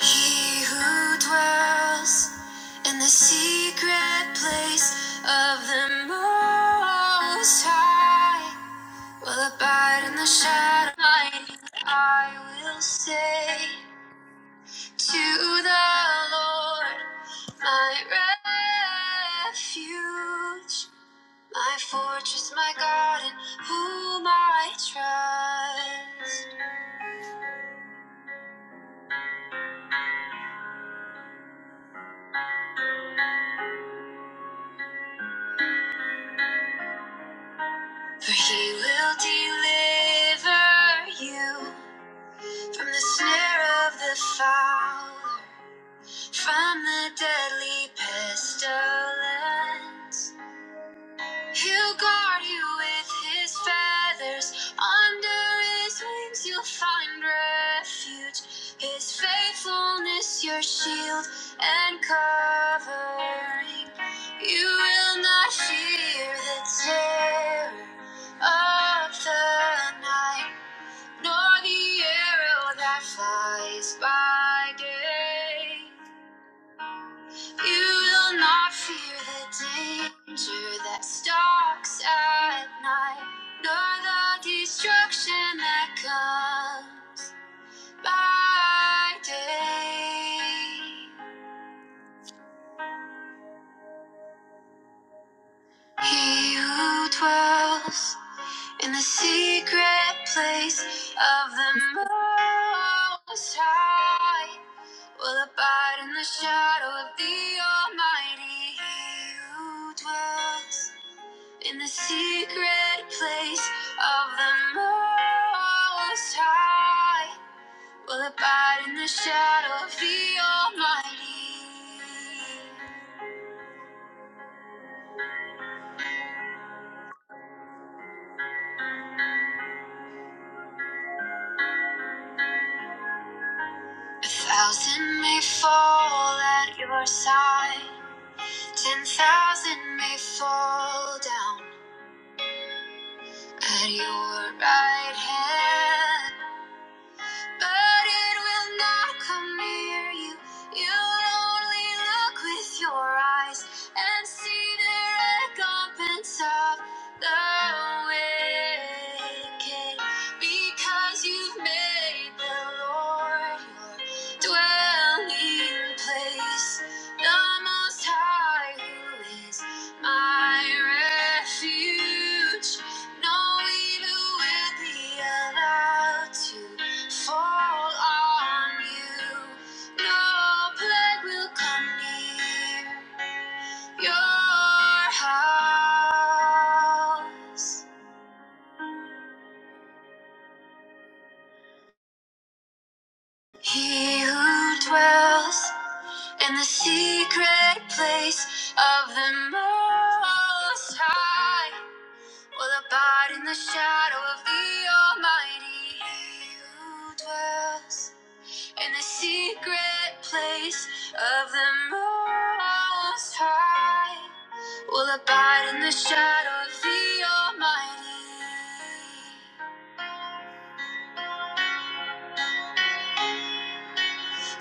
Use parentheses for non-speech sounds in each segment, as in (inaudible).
He who dwells in the secret place of the Most High will abide in the shadow. of Almighty. I will say to the Lord, my refuge, my fortress, my God, in whom I trust. For he will deliver you From the snare of the fowler, from the deadly pestilence, he'll guard you with his feathers. Under his wings, you'll find refuge. His faithfulness, your shield and covering. You will not fear the terror of the night nor the arrow that flies by day. You will not fear the danger that stalks at night, nor the destruction that comes by day. He who dwells in the secret place of the Most High Will abide in the shadow of the Almighty. He who dwells in the secret place of the Most High. Will abide in the shadow of the Almighty. A thousand may fall at your side, ten thousand may fall down at your right hand. but it will not come near you. You'll only look with your eyes and see the recompense of the wicked, because you've made the Lord your dwelling place, the Most High, who is my refuge. No evil will be allowed to fall on you. No plague will come near your house. He who dwells in the secret place of the Most High will abide in the shadow of the Almighty. He who dwells In the secret place of the Most High, will abide in the shadow of the Almighty.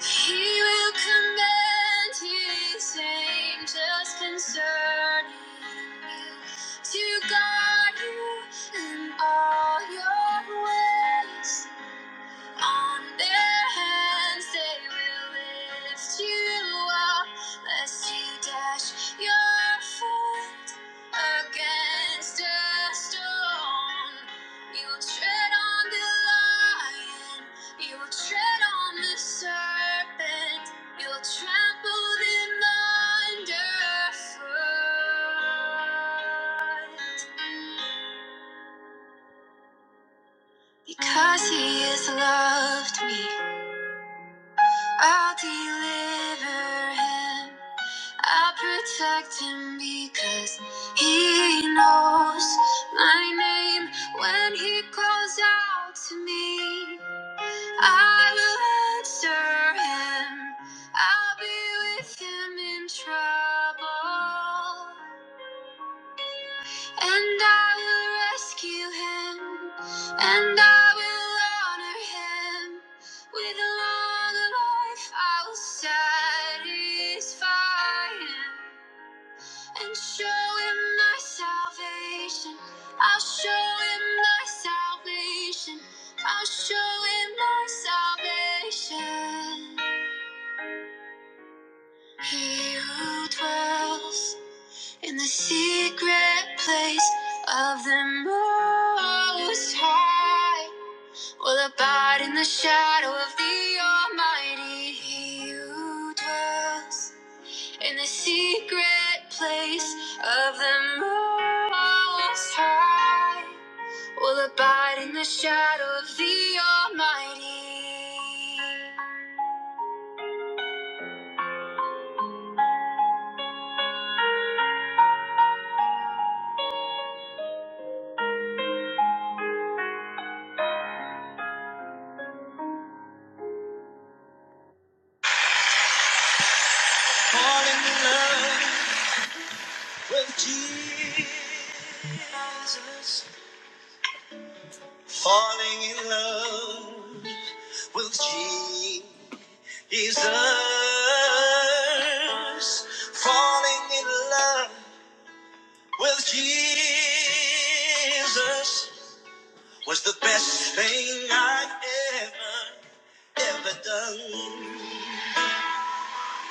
He will command His angels concerning you to guard you in all your ways. On their hands they will lift you up, lest you dash your foot against a stone. You'll tread on the lion, you'll tread on the serpent, you'll trample them underfoot. Because he has loved me. I'll deliver him. I will protect him because he knows my name when he calls out to me. I will answer him. I'll be with him in trouble. And I will rescue him, and I will honor him. With a long life, I will satisfy him and show him my salvation. I'll show him my salvation. I'll show him my salvation. He who dwells in the secret place of the Most High will abide in the shadow of the Almighty. He who dwells in the secret place of the Most High will abide in the shadow of the Almighty. Falling in love. with Jesus, falling in love with Jesus, falling in love with Jesus was the best thing I ever, ever done.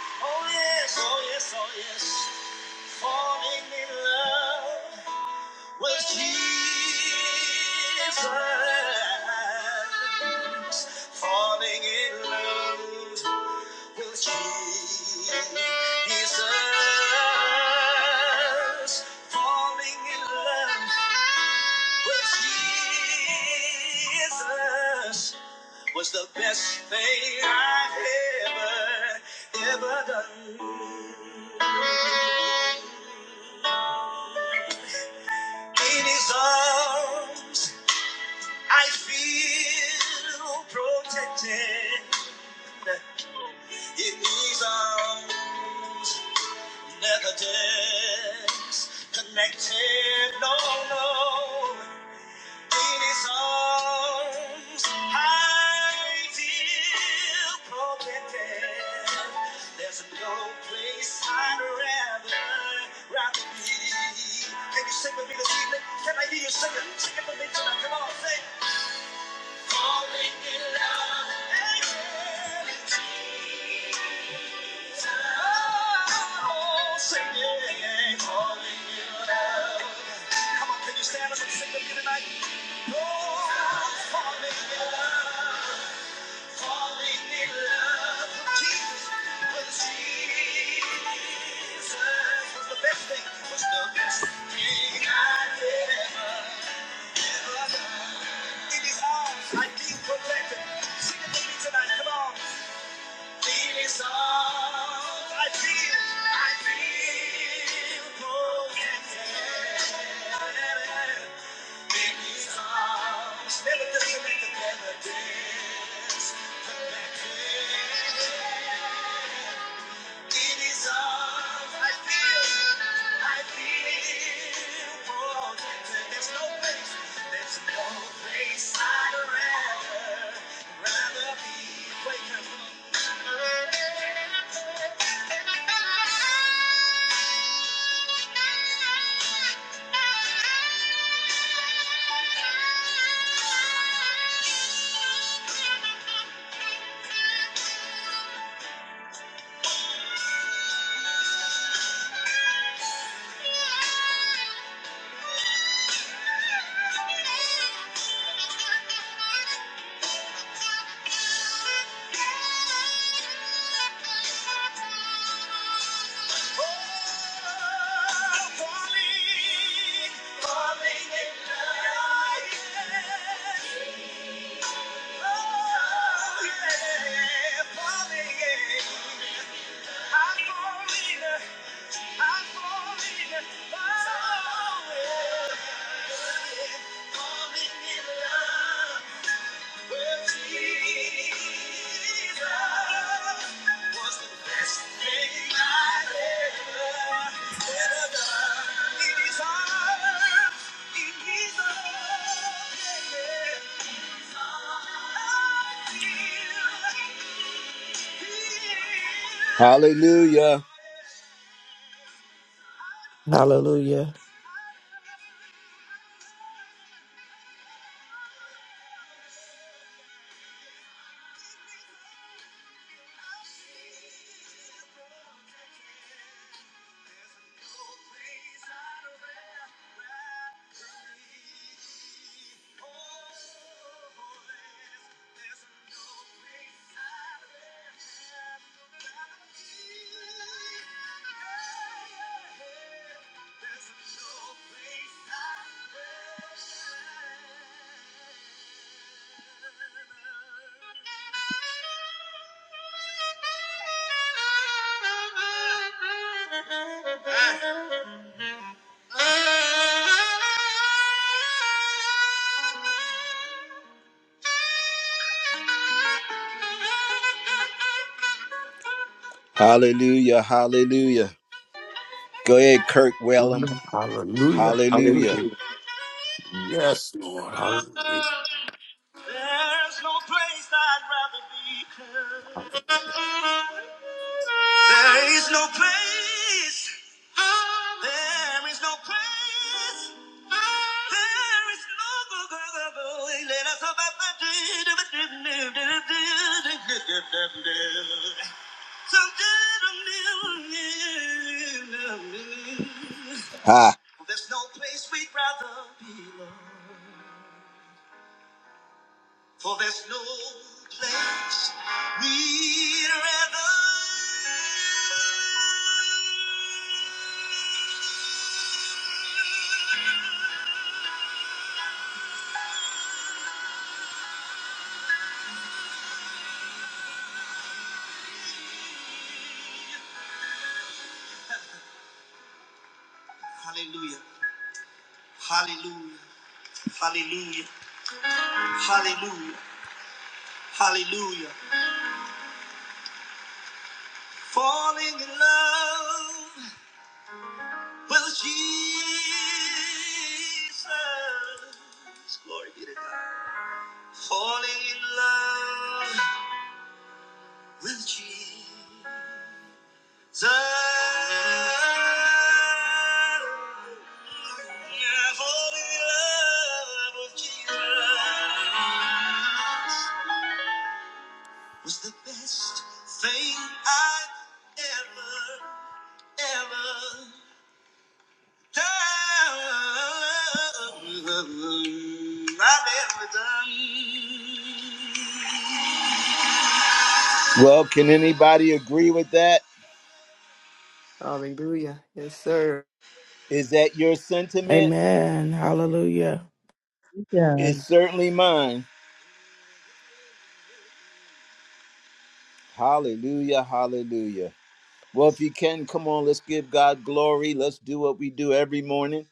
Oh yes, oh yes, oh yes, falling in love. was Jesus falling in love with Jesus falling in love with Jesus was the best thing I've ever, ever done. In his arms, I feel protected in his arms, never disconnected. No, no, in his arms, I feel protected. There's no place I'd rather, rather be. Can you sing with me this evening? Can I hear you singing? Sing it for me tonight. Come on, sing. The best thing Was the best thing I did ever. In his arms, I feel protected. Sing it with me tonight, come on. In his arms, I feel, I feel protected. In his arms, never disconnected, never disconnected. Thank you falling, in Yeah. Hallelujah. Hallelujah. There's no place I'd rather be. Hallelujah, hallelujah. Go ahead, Kirk Wellum. Hallelujah. Hallelujah. Hallelujah. Hallelujah. Yes, Lord. Hallelujah. There's no place I'd rather be. There is no place. There is no place. There is no going. Let us hope I find So There's no place we'd rather be, Lord. For there's no place we'd rather. Hallelujah. Hallelujah. Hallelujah. Hallelujah. Hallelujah. Falling in love with Jesus. Glory be to God. Falling in love with Jesus. Yeah, falling in love with Jesus was the best thing I ever, ever Well, can anybody agree with that? Hallelujah. Yes, sir. Is that your sentiment? Amen. Hallelujah. It's Hallelujah. certainly mine. Hallelujah, hallelujah. Well, if you can, come on, let's give God glory. Let's do what we do every morning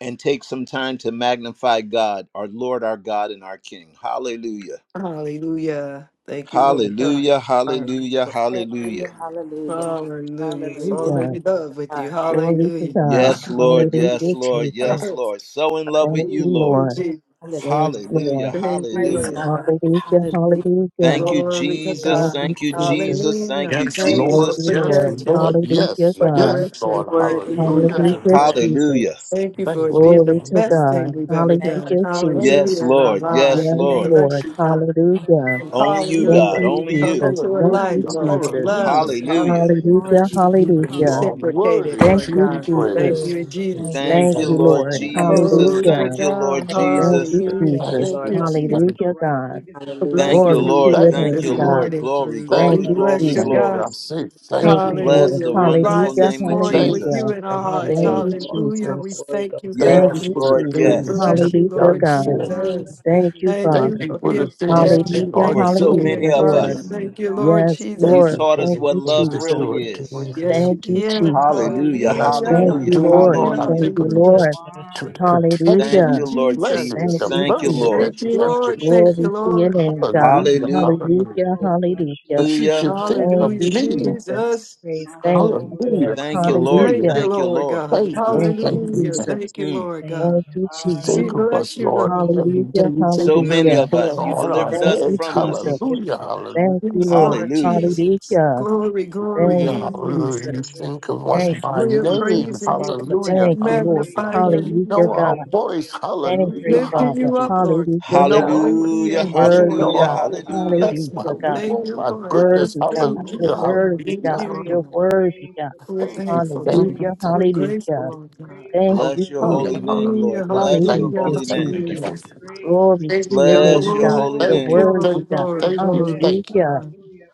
and take some time to magnify God, our Lord, our God, and our King. Hallelujah. Hallelujah. Thank you, Lord God. Hallelujah, hallelujah, Hallelujah. hallelujah. Hallelujah, hallelujah, Hallelujah. hallelujah, Fall in love with you. God, Glory to Hallelujah. God. Yes, Lord. Yes, Hallelujah, hallelujah, yes, Lord. Jesus. Yes, Hallelujah. Lord. So in love Thank with you, you, Lord. Lord. Jesus. hallelujah, Yes, Hallelujah. Lord. Thank you, praise Hallelujah. Lord. God. God, Hallelujah, hallelujah, Thank hallelujah. you, Glory to hallelujah, Jesus. Thank God. you, Thank thank you, you, Lord, Jesus. Jesus. thank Thank Hallelujah. you, you, Yes, Thank Lord, you Thank for Lord. Jesus. you, Yes, Lord. protection, Lord. Hallelujah, Yes. for God. Yes, you're direction. Lord. Thank worthy, you, Lord Hallelujah God. to thank the you, Hallelujah, Lord, Lamb. Hallelujah. Jesus. Thank you for Thank it you. being the Glory thank Thank to you. best God. thing we've Lord. ever you, magnify done. Hallelujah, the holy Thank you. Jesus. Yes, Hallelujah in name, our Thank Lord. you, Thank you. lives. Yes, Yes, Jesus. We Thank thank Lord. bless Lord. you, God. you. you, Blessed Hallelujah. Thank Lord, Father, you. Only We you, blessed Thank Hallelujah. God. thank you, King. Only We you. come you. Jesus. into a Thank life, you, Hallelujah. Lord, of Jesus. love. Hallelujah. Hallelujah. You are Hallelujah. Hallelujah. everything Hallelujah. to glory Hallelujah, me. be to you, You Lord, hallelujah. are You are Reciprocated, my worthy Thank Lord all to you, in be God. all. We Jesus. thank hallelujah, you praised. in Thank thank Jesus' I give you, you name. Thank Thank the you, you, glory, you. Jesus, Lord Lord. Thank I you. give you the Jesus. hallelujah, Glory praise, to Hallelujah. Thank you, God. Lord thank Thank you, give you Thank are the Jesus. you, you. Hallelujah. thank honor you, Thank Jesus. Thank Lord you. you, God, Jesus, we Thank Hallelujah, so thank God. rightfully you. you, for deserve. hallelujah, Thank blessing you, Glory God, you to Lord. your From Lord, Thank the Thank name, this you, you. God. rising of Lord. the morning. sun Glory, to the hallelujah, We Thank glory, going you, down bless glory, of you, the Thank Jesus. you. same, God. glory. I say your thank Thank you. praise you, name is God. Bless Lord. Hallelujah. the to We be wonderful rise praised. Hallelujah, this name of morning Hallelujah. with Thank you, Jesus. you hallelujah. Jesus, in our thank All you, hearts. Thank Jesus, praise, thank you, you. Jesus, all honor, Hallelujah. all We Jesus. Jesus. glory thank goes you, to you. God. Thank Thank you Yes, you, for the Wonderful Lord. We Jesus. things that Jesus, Yes. you bless you, have Hallelujah, Lord done God. for me. Jesus. wonderful Hallelujah. Thank you, Thank We Jesus, Thank you Father. for you love for you the being things that magnify, protected. you Hallelujah, wonderful we are for Thank you for so exalt Jesus, doing being many hallelujah, of Lord. guarded. for your us. me. name, Thank you, Lord Yes, wonderful You Thank Jesus. Lord. you taught Jesus. for us Thank the what you, things love that Jesus. you really are Thank you, Hallelujah. is. doing for Lord. Yes, you Thank me. you, did. Jesus. Hallelujah, When I Hallelujah, Hallelujah, speak Hallelujah. Thank of you, hallelujah, doing, Lord. hallelujah. Lord, hallelujah, I Thank hallelujah. think you, of the We hallelujah. Lord. pers- exalt to you, Lord. Wonderful Thank Jesus. Thank protection, you, you, Hallelujah. Lord Jesus. blessings, Thank Jesus. You the you, Thank you, so Thank mercy worthy. you, Jesus. Lord. Thank that you, you have Thank Jesus. given you, Lord. me. Thank Lord. you, Glory to your Lord. Thank you. I name, give God. you Hallelujah, Hallelujah. glory. My hallelujah. Hallelujah, soul Hallelujah. bless you, Thank hallelujah. you. That Lord. you My should soul think Hallelujah. Thank bless of Hallelujah, you, your name. me. Jesus. Jesus. Praise My Thank God. soul you, bless Hallelujah, Lord. your Thank name, you, Hallelujah. Lord. Jesus. Thank Hallelujah. hallelujah. you, Thank you, Lord Thank Lord. you, God. Lord. Thank you, Thank you, thank Thank you, Hallelujah. thank you, you. Lord. Hallelujah. Jesus. Thank you, Mm. Lord Thank God. Thank you. you, You Thank you. Jesus. We think of Hallelujah. bless us, you, My Lord, Lord. soul every give you day. Hallelujah, You think glory. So of many every hallelujah. of hair us, you Thank on you. our delivered Thank us you, heads. from Hallelujah. Thank Jesus. us. you, Hallelujah, Father. Thank you, Yes, hallelujah, Lord. Lord Hallelujah. Hallelujah. Jesus. Hallelujah. Glory, glory, hallelujah, Thank So, you, Mm. glory. hallelujah. Jesus. You so Hallelujah. very think of us Thank Thank you, you, grateful, by for Lord. your God. Jesus. Thank name. praise you, and you Father, for can Hallelujah, Thank teaching us. you, So Lord. hallelujah. magnify Thank grateful. you, your Lord. You Hallelujah, know God. name, our voice. Hallelujah. I'm so We Thank you, Hallelujah, praise you. grateful. lifting Father. you up, hallelujah. Lord. You Hallelujah, know God. our Hallelujah, Hallelujah. Hallelujah. needs. You Worthy know Glory. hallelujah, God. our hallelujah. bless my Hallelujah, God. Hallelujah. Thank will. you, My So Lord. goodness, grateful, Best Worthy so God, thing in you're grateful, our hallelujah, worthy lives is hallelujah, God, you, hallelujah. you're Lord. grateful, worthy God. grateful, We're Thank you, thankful, grateful, thank Hallelujah, you, Jesus. grateful, We're thank you. grateful, hallelujah. Lord God. Thank grateful, you, Bless your Hallelujah, holy Jesus. name, Lord. Hallelujah, grateful, hallelujah. grateful, Bless your Hallelujah, Thank hallelujah, you, holy thank name. you, Thank you Jesus. for hallelujah. thank you. grateful, grateful, grateful, Glory to Thank your you. name, Bless your grateful, God. holy You're Glory, Thank you. name. glory, worthy Thank God. you. glory, Thank you. gratefulness. glory. to Thank you. Hallelujah, God. Hallelujah.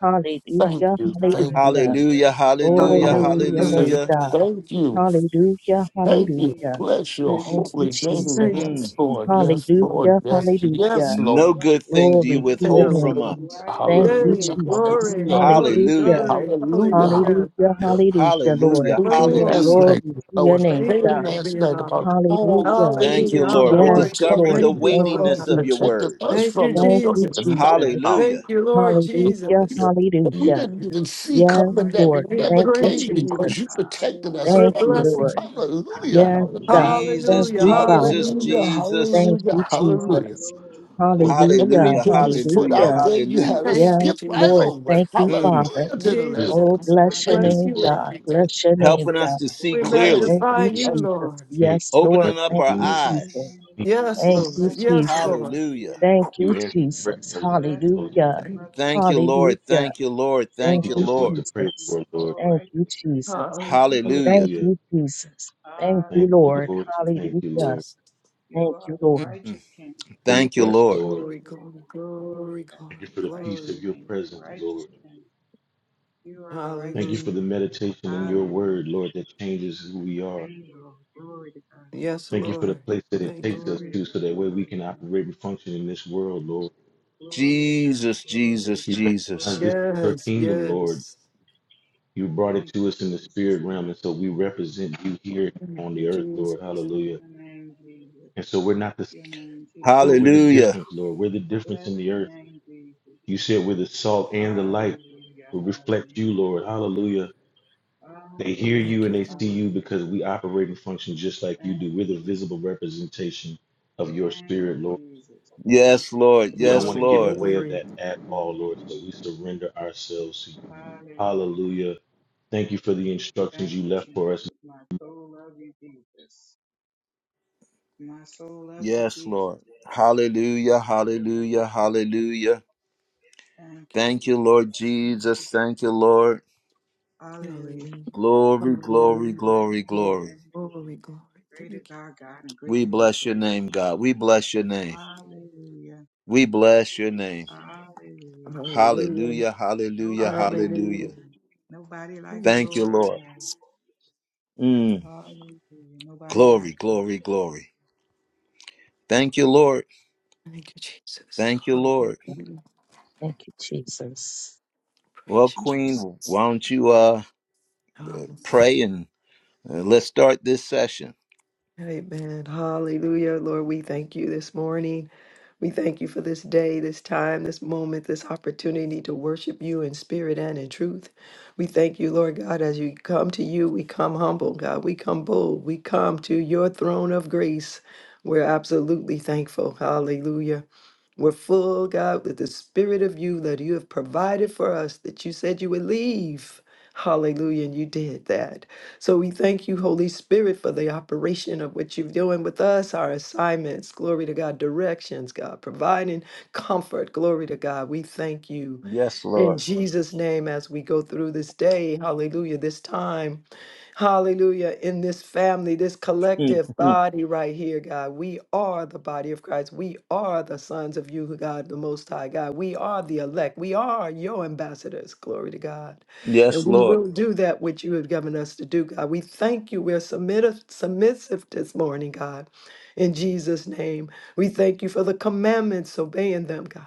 Thank hallelujah, you. Thank you. hallelujah. Thank Hallelujah. you. Hallelujah, Gratefulness, hallelujah, Glory Oh, to Hallelujah. your gratefulness, thank name, hallelujah. God. thank gratefulness. you. Hallelujah, Thank you, Thank you. hallelujah. Jesus. Bless your Thank you, Thank Thank you, you, holy Jesus. name. Jesus. Thank knowing Jesus. you. Yes, Mm. Lord. God Yes, Lord. Hallelujah, Yes, Righteous yes, hallelujah. King, No Lord. good righteous thing do you Glory King, to Thank your withhold from name. us. you. righteous Thank you, Yay, Hallelujah. King. Jesus. glory, Hallelujah. Hallelujah, glory, Hallelujah. Hallelujah. Jesus. glory. Hallelujah. Hallelujah. Hallelujah, Hallelujah. hallelujah, I Hallelujah. was Lord. Hallelujah. Jesus. for thinking you so Glory. last to you. Hallelujah. Glory night. to I your You was are name, the Thank you praying for God. righteous last being night King. up. about all the Hallelujah. things Thank Hallelujah. you, You that I you are Lord. We're the have Yes, applaud you. righteous discovering Lord. the protected Thank King. you, me Thank Lord. you, from, weightiness God. of your Jesus. Hallelujah. protected word. us Thank you, from that we Thank don't you, You Jesus. even are the know Jesus. about. righteous Hallelujah. Thank you, King. Lord Hallelujah, Jesus. But And you we Glory hallelujah. to didn't even God. You see are Yes, the coming that righteous Lord. it We're King. never Thank you, came praising you, God. because you Jesus. protected us We're Thank Hallelujah. you, from it. blessing Lord. you. God. Hallelujah, Thank Yes, you, hallelujah, God. Jesus. Thank Jesus, Hallelujah. you, Father. Jesus, hallelujah, Hallelujah. Jesus. Thank hallelujah, you, Oh, hallelujah. Jesus. glory, glory, When the glory. Hallelujah, enemy Hallelujah. put his foot Hallelujah. A out hallelujah. there, you righteous had Hallelujah. to King. Thank you, Yes, skip right Lord. Jesus. over it. Thank you, Mm. A Father. Hallelujah to do the righteous really Lamb Jesus, of Oh, God. King. we My bless your do, Thank bless God. you, name, you, Lord. thank God. God. you, thank Bless your name, Helping us God. to see We Oh, you. bless Bless the clearly, Thank magnify name you, you, of you, bless Jesus. you. Jesus. Lord. Hey, Yes, but Lord. opening up nothing Thank our you, Bless things the Jesus. eyes. name of need Yes, Jesus. Thank to. you, Lord. Bless the Yes, Jesus. name of Lord. Hallelujah. Jesus. Thank You you, answer prayer, Jesus. Lord. Bless the Lord. Hallelujah. name Thank of you. Thank you, Jesus. Lord. Hallelujah. Thank you, Lord. Thank Thank you, Teach All you, us what Lord. to righteous pray King, Jesus. for, Lord. all Thank you, righteous King, Jesus. all Hallelujah. righteous Hallelujah. Thank King. Hallelujah. you, Jesus. Thank you, Thank you, Lord. Hallelujah, Lord. Thank Jesus. you, Hallelujah. Lord, Jesus. You Thank are you, the Lord. Mm. righteous King. for your Thank you, rest, Lord. Lord. Glory Glory, to glory, God, glory glory, to God. Thank you glory, for The the peace righteous of glory. your King, the presence, righteous Lord. King. You are the Thank you righteous for Hallelujah. the King. meditation in your word, Hallelujah. Lord, that changes who we are. Thank you, Lord. Glory to God, Yes, Thank you for the Lord. place that it Thank takes us glory you. to to so God, that way we glory to can God. operate and function in this world, Lord. Glory to God, Jesus, glory to Jesus, We God, recognize Jesus. this glory to is your Yes, God. kingdom, Lord. yes. You brought it Thank to you, us in the Jesus. spirit realm, Thank and you, so we Jesus. represent you here Thank on the you, earth, Jesus. Lord. Bless Hallelujah. your name, Jesus. And so we're Bless not the same, your name, Jesus. Lord. We're the Hallelujah. difference, Lord. We're the difference Bless in the your earth. name, Jesus. You said we're the salt and the light. Hallelujah, We reflect you, hallelujah. Lord. Hallelujah. They hear you Thank and you, Hallelujah, they see Lord. you because hallelujah. we operate and function just like you Thank do. We're you, the Jesus. visible representation of your Thank spirit, you, Lord. Jesus. Thank Yes, you, Lord. We Jesus. don't Yes, want to Glory, get in the Lord. way of glory. that at Thank all, you, Lord. So we Jesus. surrender ourselves to you. Hallelujah. Hallelujah. Thank you for the instructions you Thank you, left for us. Jesus. My soul loves you, Jesus. My soul loves you, Yes, Jesus. Lord. My Hallelujah. soul loves you, Hallelujah. Jesus. Hallelujah. Thank you, Thank Jesus. you, Lord Thank you, Jesus. Jesus. Thank you, Lord. Hallelujah. Hallelujah. Glory, glory, Hallelujah. Thank glory, you, Glory, glory. thank you, glory, thank you. glory to Great you, is King. our God and We greatly to be bless your praised. name, God. We bless your name. Hallelujah. We bless your name. Hallelujah. Hallelujah. Hallelujah. Hallelujah. Nobody like Hallelujah. Hallelujah. you. Nobody like the Praise you, Thank you, Lord our Lord. God. Jesus. Mm. Hallelujah. Nobody Glory, like you. glory, glory. Thank you, Lord. Thank you, Jesus. Thank you, Lord. Hallelujah. Thank you, Jesus. Well, Praise you, Queen, Jesus. why don't you uh Hallelujah. pray and uh, let's start this session. Amen. Hallelujah. Lord, we thank you this morning. We thank you for this day, this time, this moment, this opportunity to worship you in spirit and in truth. We thank you, Lord God, as you come to you, we come humble, God. We come bold. We come to your throne of grace. We're absolutely thankful. Hallelujah. We're full, God, with the spirit of you that you have provided for us, that you said you would leave. Hallelujah, and you did that. So we thank you, Holy Spirit, for the operation of what you're doing with us, our assignments, glory to God, directions, God, providing comfort, glory to God. We thank you Yes, in Lord. Jesus' name as we go through this day, hallelujah, this time. Hallelujah. In this family, this collective Mhm. body right here, God, we are the body of Christ. We are the sons of you, God, the Most High God. We are the elect. We are your ambassadors. Glory to God. yes, And we Lord. will do that which you have given us to do, God. We thank you. We're submissive, submissive this morning, God, in Jesus' name. We thank you for the commandments, obeying them, God.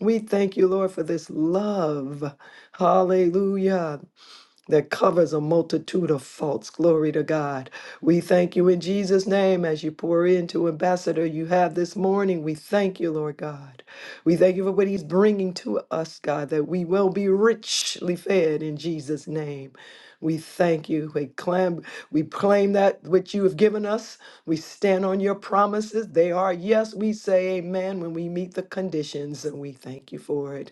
We thank you, Lord, for this love. Hallelujah that covers a multitude of faults. Glory to God. We thank you in Jesus' name as you pour into Ambassador you have this morning. We thank you, Lord God. We thank you for what he's bringing to us, God, that we will be richly fed in Jesus' name. We thank you. We claim, we claim that which you have given us. We stand on your promises. They are yes. We say amen when we meet the conditions, and we thank you for it.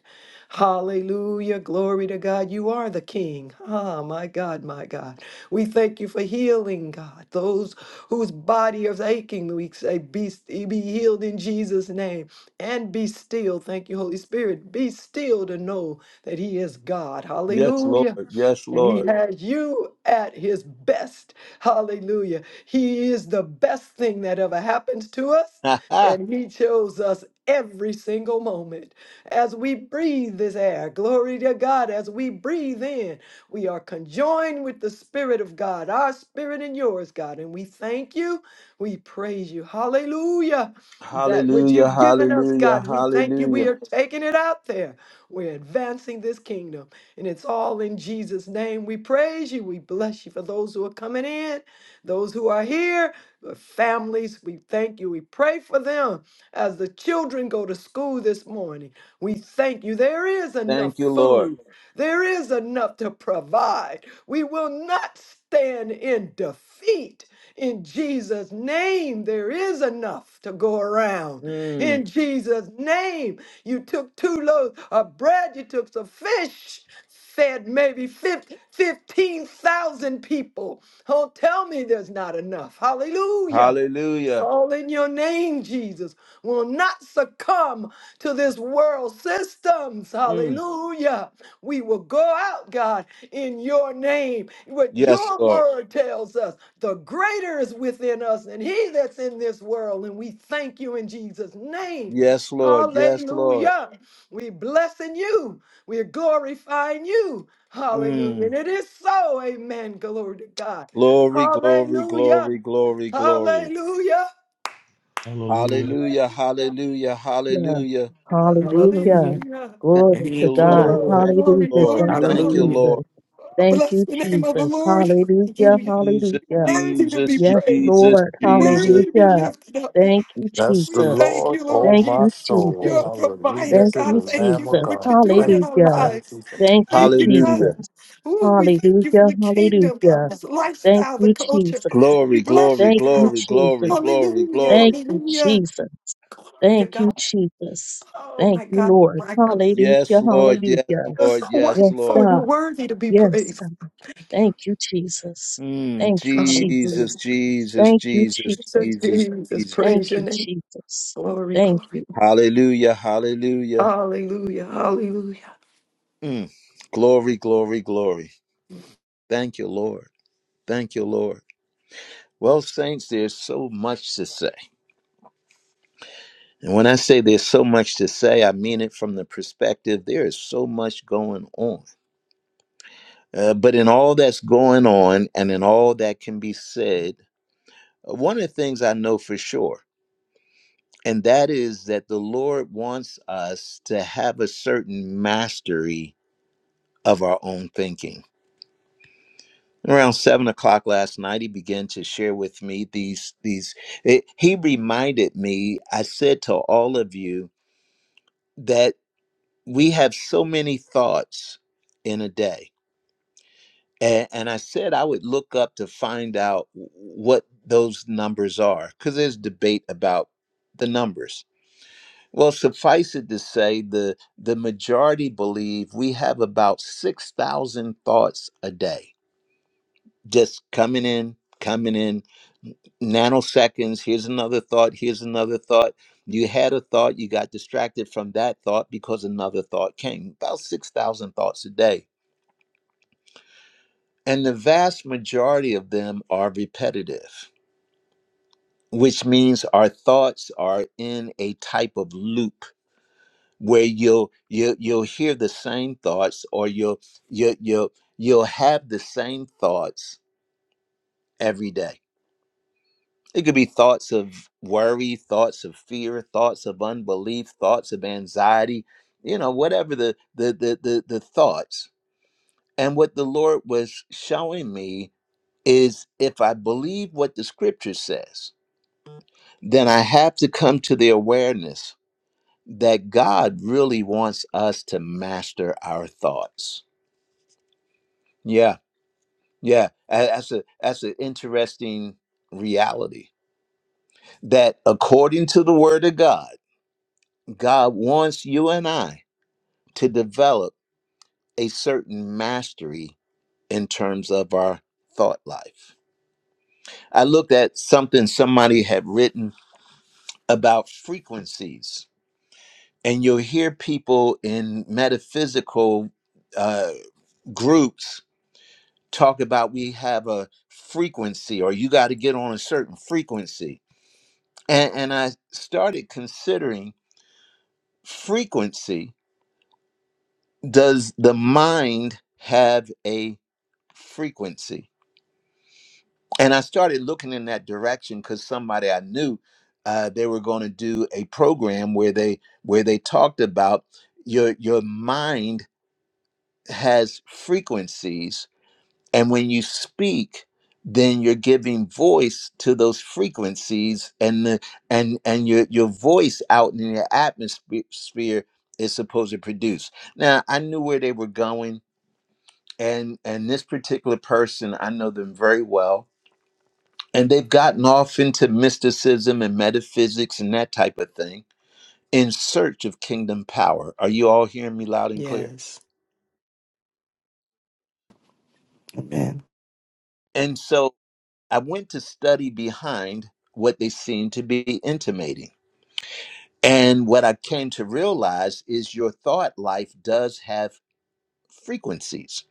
Hallelujah. Glory to God. You are the King. Ah, my God, my God. We thank you for healing, God. Those whose body is aching, we say, be, be healed in Jesus' name and be still. Thank you, Holy Spirit. Be still to know that He is God. Yes, Lord. Hallelujah. Yes, And he Lord. (laughs) has you at his best. Hallelujah. He is the best thing that ever happens to us. Ha, ha. And he chose us every single moment. As we breathe this air, glory to God, as we breathe in, we are conjoined with the Spirit of God, our spirit and yours, God. And we thank you. We praise you. Hallelujah. That which hallelujah. you've given us, Hallelujah. God, we thank you. We Hallelujah. are taking it out there. We're advancing this kingdom. And it's all in Jesus' name. We praise you. We bless you for those who are coming in, those who are here, the families. We thank you. We pray for them as the children go to school this morning. We thank you. There is enough Thank you, Lord. food, there is enough to provide. We will not stand in defeat. In Jesus' name, there is enough to go around. Mm. In Jesus' name, you took two loaves of bread, you took some fish fed maybe 15,000 people. Oh, tell me there's not enough. Hallelujah. It's Hallelujah. all in your name, Jesus. Will not succumb to this world systems. Mm. Hallelujah. We will go out, God, in your name. What Yes, your Lord. word tells us, the greater is within us and he that's in this world. And we thank you in Jesus' name. Yes, Lord. Yes, Lord. Hallelujah. We blessing you. We're glorifying you. Hallelujah. Mm. And it is so. Amen. Glory to God. Glory, glory, Hallelujah. glory, glory, glory. Hallelujah. Hallelujah. Hallelujah, Hallelujah. hallelujah, Yeah. hallelujah. Hallelujah. Hallelujah. Hallelujah. Thank Glory to you, Thank you, God. Lord. Oh, Lord. Thank you, glory, Hallelujah. Lord. Thank glory, you, Thank you, glory. Hallelujah. Jesus. Lord. Oh, Thank bless you, the name of the Jesus. Lord. Hallelujah. Hallelujah. Jesus, Hallelujah. You're worthy to be Jesus, Yes, praised. Jesus, Lord. You're Jesus. worthy to be Hallelujah. lifted up, Thank you, Bless We the Jesus. thank Lord, you, Lord oh Thank my you, Jesus. soul. You're a Jesus. Hallelujah provider. Thank to the God, you, thank Lamb you of for Jesus. what God. you're doing Thank you, in our Hallelujah. thank lives. you, thank you. Thank you, Thank you, God. Hallelujah. Jesus. Ooh, we thank you Hallelujah. for the kingdom, God, Hallelujah. this Thank lifestyle, the you, culture. Jesus. We Glory, bless glory, Thank you, you, God. glory, glory, Jesus. glory, Hallelujah. Thank glory. you, Hallelujah. Jesus. Glory to Thank you, God. Jesus. Oh, Thank my you, God. Lord. My God. Yes, Hallelujah. Lord. Yes, Hallelujah. You're Lord. so Yes, Yes, Lord. wonderful. You're God. worthy to be Yes, praised. God. Thank you, Jesus. Mm, Thank you, Hallelujah. Jesus, Jesus. Jesus, Thank you, Jesus, So Jesus. Jesus, Jesus, Jesus. Thank praise your you, name. Jesus. Glory, Thank you. glory. Hallelujah, hallelujah. Hallelujah. Hallelujah. Mm, glory, glory, glory. Thank you, Lord. Thank you, Lord. Well, Saints, there's so much to say. And when I say there's so much to say, I mean it from the perspective there is so much going on. Uh, but in all that's going on and in all that can be said, uh, one of the things I know for sure, and that is that the Lord wants us to have a certain mastery of our own thinking. Around seven o'clock last night, he began to share with me these these. It, he reminded me. I said to all of you, that. we have so many thoughts in a day and, and i said i would look up to find out what those numbers are because there's debate about the numbers well suffice it to say the the majority believe we have about 6000 thoughts a day just coming in coming in nanoseconds. Here's another thought. Here's another thought. You had a thought, you got distracted from that thought because another thought came. About 6,000 thoughts a day And the vast majority of them are repetitive, which means our thoughts are in a type of loop where you'll you'll, you'll hear the same thoughts or you'll you'll you'll you'll have the same thoughts every day. It could be thoughts of worry, thoughts of fear, thoughts of unbelief, thoughts of anxiety, you know, whatever the the the the, the thoughts. And what the Lord was showing me is if I believe what the scripture says, then I have to come to the awareness that God really wants us to master our thoughts. Yeah, yeah, a- that's a that's an interesting reality. That according to the Word of God, God wants you and I to develop a certain mastery in terms of our thought life. I looked at something somebody had written about frequencies, and you'll hear people in metaphysical uh, groups talk about we have a frequency or you got to get on a certain frequency. And, and I started considering frequency. Does the mind have a frequency? And I started looking in that direction because somebody I knew uh, they were going to do a program where they where they talked about your your mind has frequencies And when you speak, then you're giving voice to those frequencies and the and and your your voice out in the atmosphere is supposed to produce. Now I knew where they were going and and this particular person I know them very well and they've gotten off into mysticism and metaphysics and that type of thing in search of kingdom power. Are you all hearing me loud and clear? Yes. Amen. And so I went to study behind what they seemed to be intimating. And what I came to realize is your thought life does have frequencies,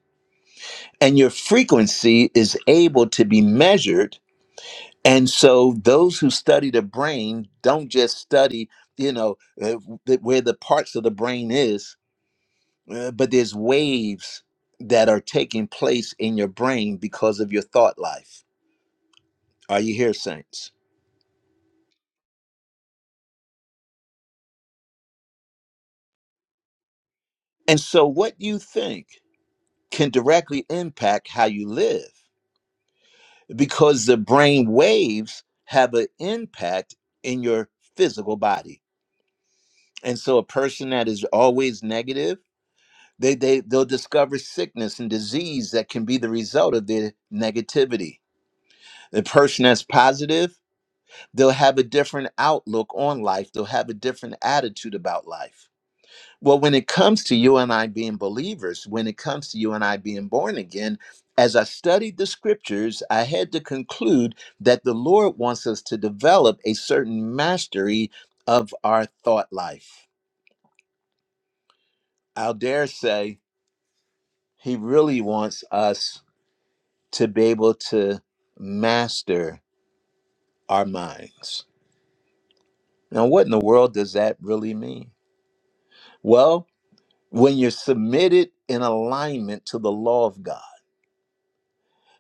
and your frequency is able to be measured. And so, those who study the brain don't just study, you know, uh, th- where the parts of the brain is, uh, but there's waves that are taking place in your brain because of your thought life. Are you here, saints? And so, what you think can directly impact how you live because the brain waves have an impact in your physical body. And so a person that is always negative, they, they they'll discover sickness and disease that can be the result of their negativity. The person that's positive, they'll have a different outlook on life. They'll have a different attitude about life. Well, when it comes to you and I being believers, when it comes to you and I being born again, as I studied the scriptures, I had to conclude that the Lord wants us to develop a certain mastery of our thought life. I'll dare say he really wants us to be able to master our minds. Now, what in the world does that really mean? Well, when you're submitted in alignment to the law of God,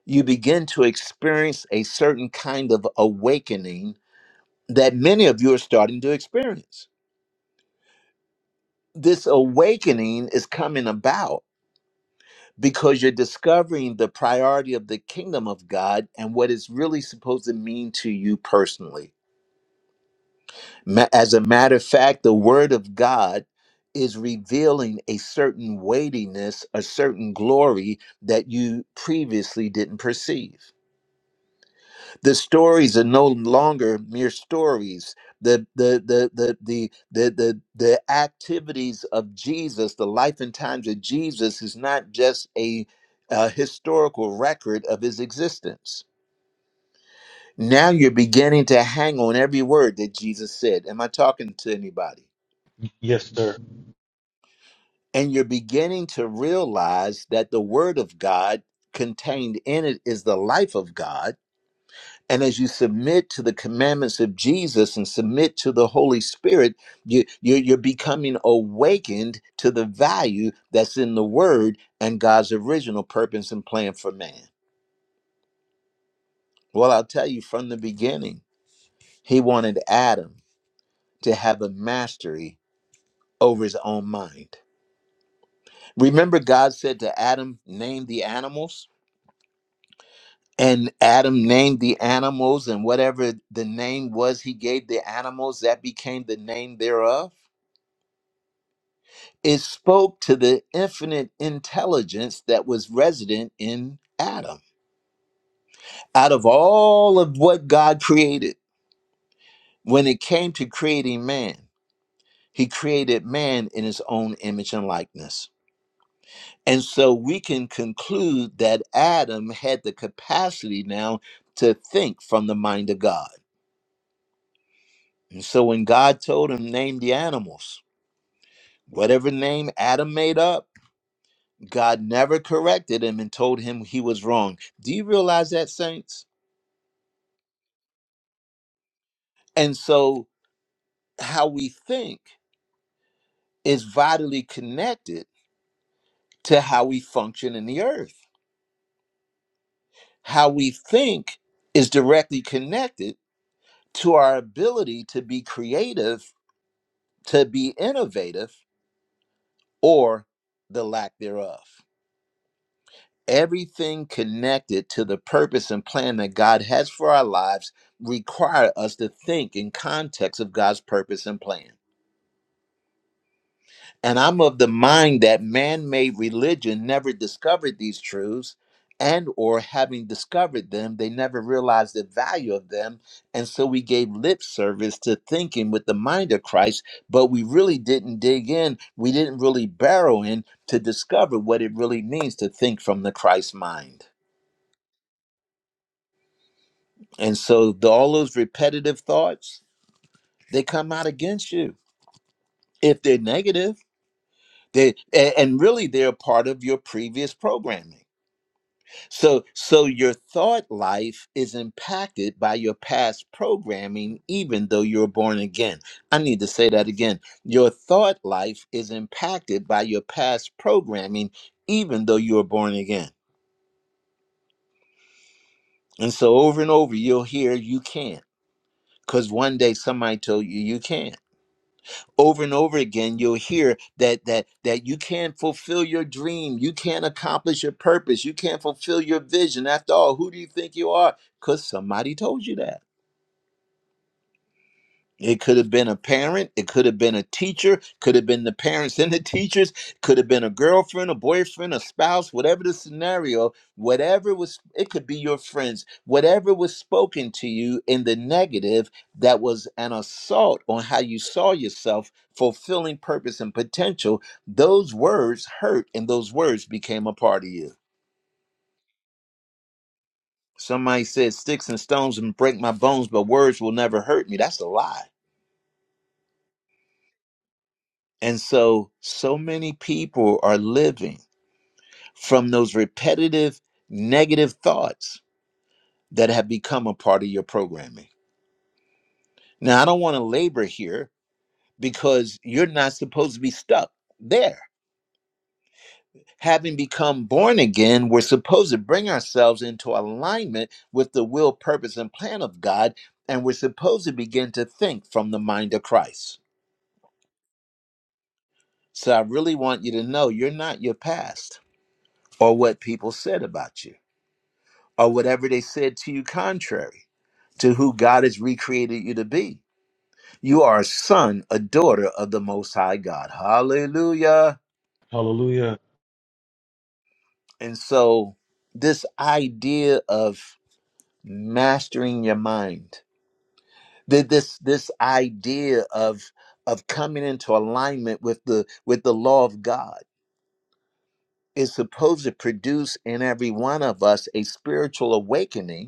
you begin to experience a certain kind of awakening that many of you are starting to experience. This awakening is coming about because you're discovering the priority of the kingdom of God and what it's really supposed to mean to you personally. Ma- As a matter of fact, the word of God is revealing a certain weightiness, a certain glory that you previously didn't perceive. the stories are no longer mere stories the the the the the the the, the activities of jesus the life and times of jesus is not just a, a historical record of his existence now you're beginning to hang on every word that jesus said am i talking to anybody Yes, sir. and you're beginning to realize that the word of god contained in it is the life of god And as you submit to the commandments of Jesus and submit to the Holy Spirit, you, you, you're becoming awakened to the value that's in the Word and God's original purpose and plan for man. Well, I'll tell you from the beginning, He wanted Adam to have a mastery over his own mind. Remember, God said to Adam, Name the animals. And Adam named the animals, and whatever the name was he gave the animals, that became the name thereof. It spoke to the infinite intelligence that was resident in Adam. Out of all of what God created, when it came to creating man, he created man in his own image and likeness. And so we can conclude that Adam had the capacity now to think from the mind of God. And so when God told him, name the animals, whatever name Adam made up, God never corrected him and told him he was wrong. Do you realize that, saints? And so, how we think is vitally connected to how we function in the earth. How we think is directly connected to our ability to be creative, to be innovative, or the lack thereof. Everything connected to the purpose and plan that God has for our lives require us to think in context of God's purpose and plan. And I'm of the mind that man-made religion never discovered these truths and or having discovered them, they never realized the value of them, and so we gave lip service to thinking with the mind of Christ, but we really didn't dig in, we didn't really barrel in to discover what it really means to think from the Christ mind. And so the, all those repetitive thoughts, they come out against you. If they're negative, they a- and really they're a part of your previous programming So so your thought life is impacted by your past programming even though you're born again. I need to say that again. Your thought life is impacted by your past programming even though you were born again. And so over and over you'll hear you can't cuz one day somebody told you you can't. Over and over again you'll hear that that that you can't fulfill your dream, you can't accomplish your purpose, you can't fulfill your vision. After all, who do you think you are? Cuz somebody told you that. It could have been a parent, it could have been a teacher, could have been the parents and the teachers, could have been a girlfriend, a boyfriend, a spouse, whatever the scenario, whatever was, it could be your friends, whatever was spoken to you in the negative that was an assault on how you saw yourself fulfilling purpose and potential, those words hurt and those words became a part of you. Somebody said, Sticks and stones and break my bones, but words will never hurt me. That's a lie And so, so many people are living from those repetitive negative thoughts that have become a part of your programming. Now, I don't want to labor here because you're not supposed to be stuck there. Having become born again, we're supposed to bring ourselves into alignment with the will, purpose, and plan of God, and we're supposed to begin to think from the mind of Christ. So, I really want you to know you're not your past or what people said about you or whatever they said to you contrary to who God has recreated you to be. You are a son, a daughter of the Most High God. Hallelujah. Hallelujah. And so, this idea of mastering your mind, th- this this idea of of coming into alignment with the with the law of God is supposed to produce in every one of us a spiritual awakening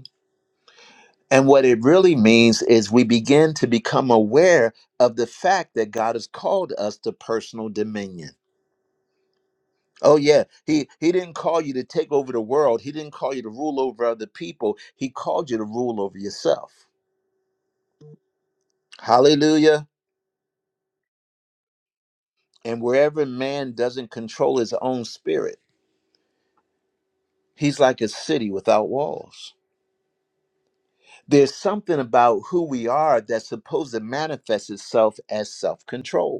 And what it really means is we begin to become aware of the fact that God has called us to personal dominion. Oh yeah, he he didn't call you to take over the world. He didn't call you to rule over other people. He called you to rule over yourself. Hallelujah. And wherever man doesn't control his own spirit, he's like a city without walls. There's something about who we are that's supposed to manifest itself as self-control.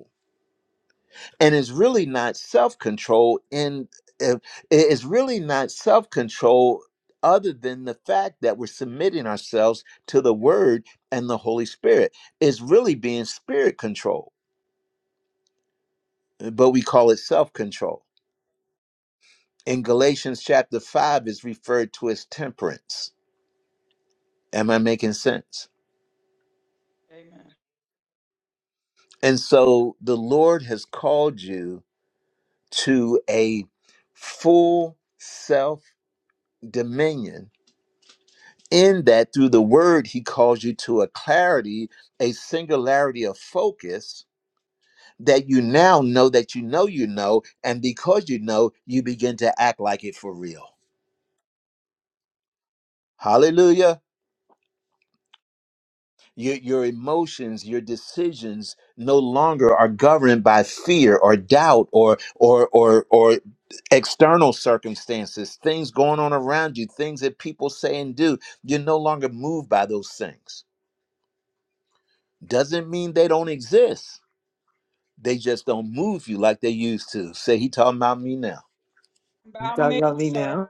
and it's really not self-control in uh, it's really not self-control other than the fact that we're submitting ourselves to the word and the holy spirit it's really being spirit control eh, but we call it self-control in galatians chapter 5 is referred to as temperance am i making sense Amen. and so the lord has called you to a full self-dominion in that through the word he calls you to a clarity a singularity of focus that you now know that you know you know and because you know you begin to act like it for real hallelujah your, your emotions your decisions no longer are governed by fear or doubt or or or or external circumstances things going on around you things that people say and do you're no longer moved by those things doesn't mean they don't exist they just don't move you like they used to. Say he talking about me now. About God me, got me sir. now.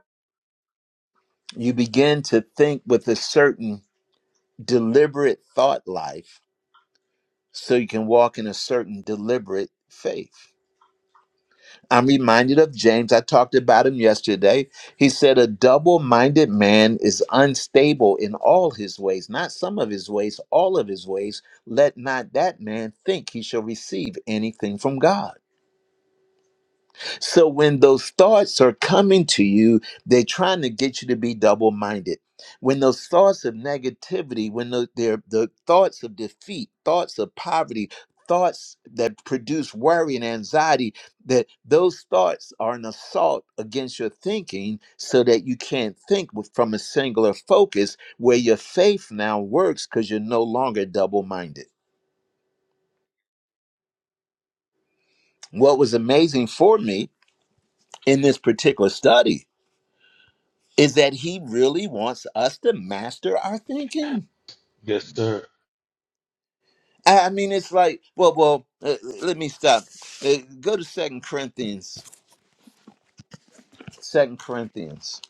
You begin to think with a certain deliberate thought life so you can walk in a certain deliberate faith. I'm reminded of James. I talked about him yesterday. He said, A double minded man is unstable in all his ways, not some of his ways, all of his ways. Let not that man think he shall receive anything from God. So when those thoughts are coming to you, they're trying to get you to be double minded. When those thoughts of negativity, when the, they're the thoughts of defeat, thoughts of poverty, thoughts that produce worry and anxiety, that those thoughts are an assault against your thinking so that you can't think with, from a singular focus where your faith now works because you're no longer double minded. What was amazing for me in this particular study is that he really wants us to master our thinking. Yes, sir. I I mean, it's like, well, well, uh, let me stop. Uh, go to Second Corinthians, Second Corinthians,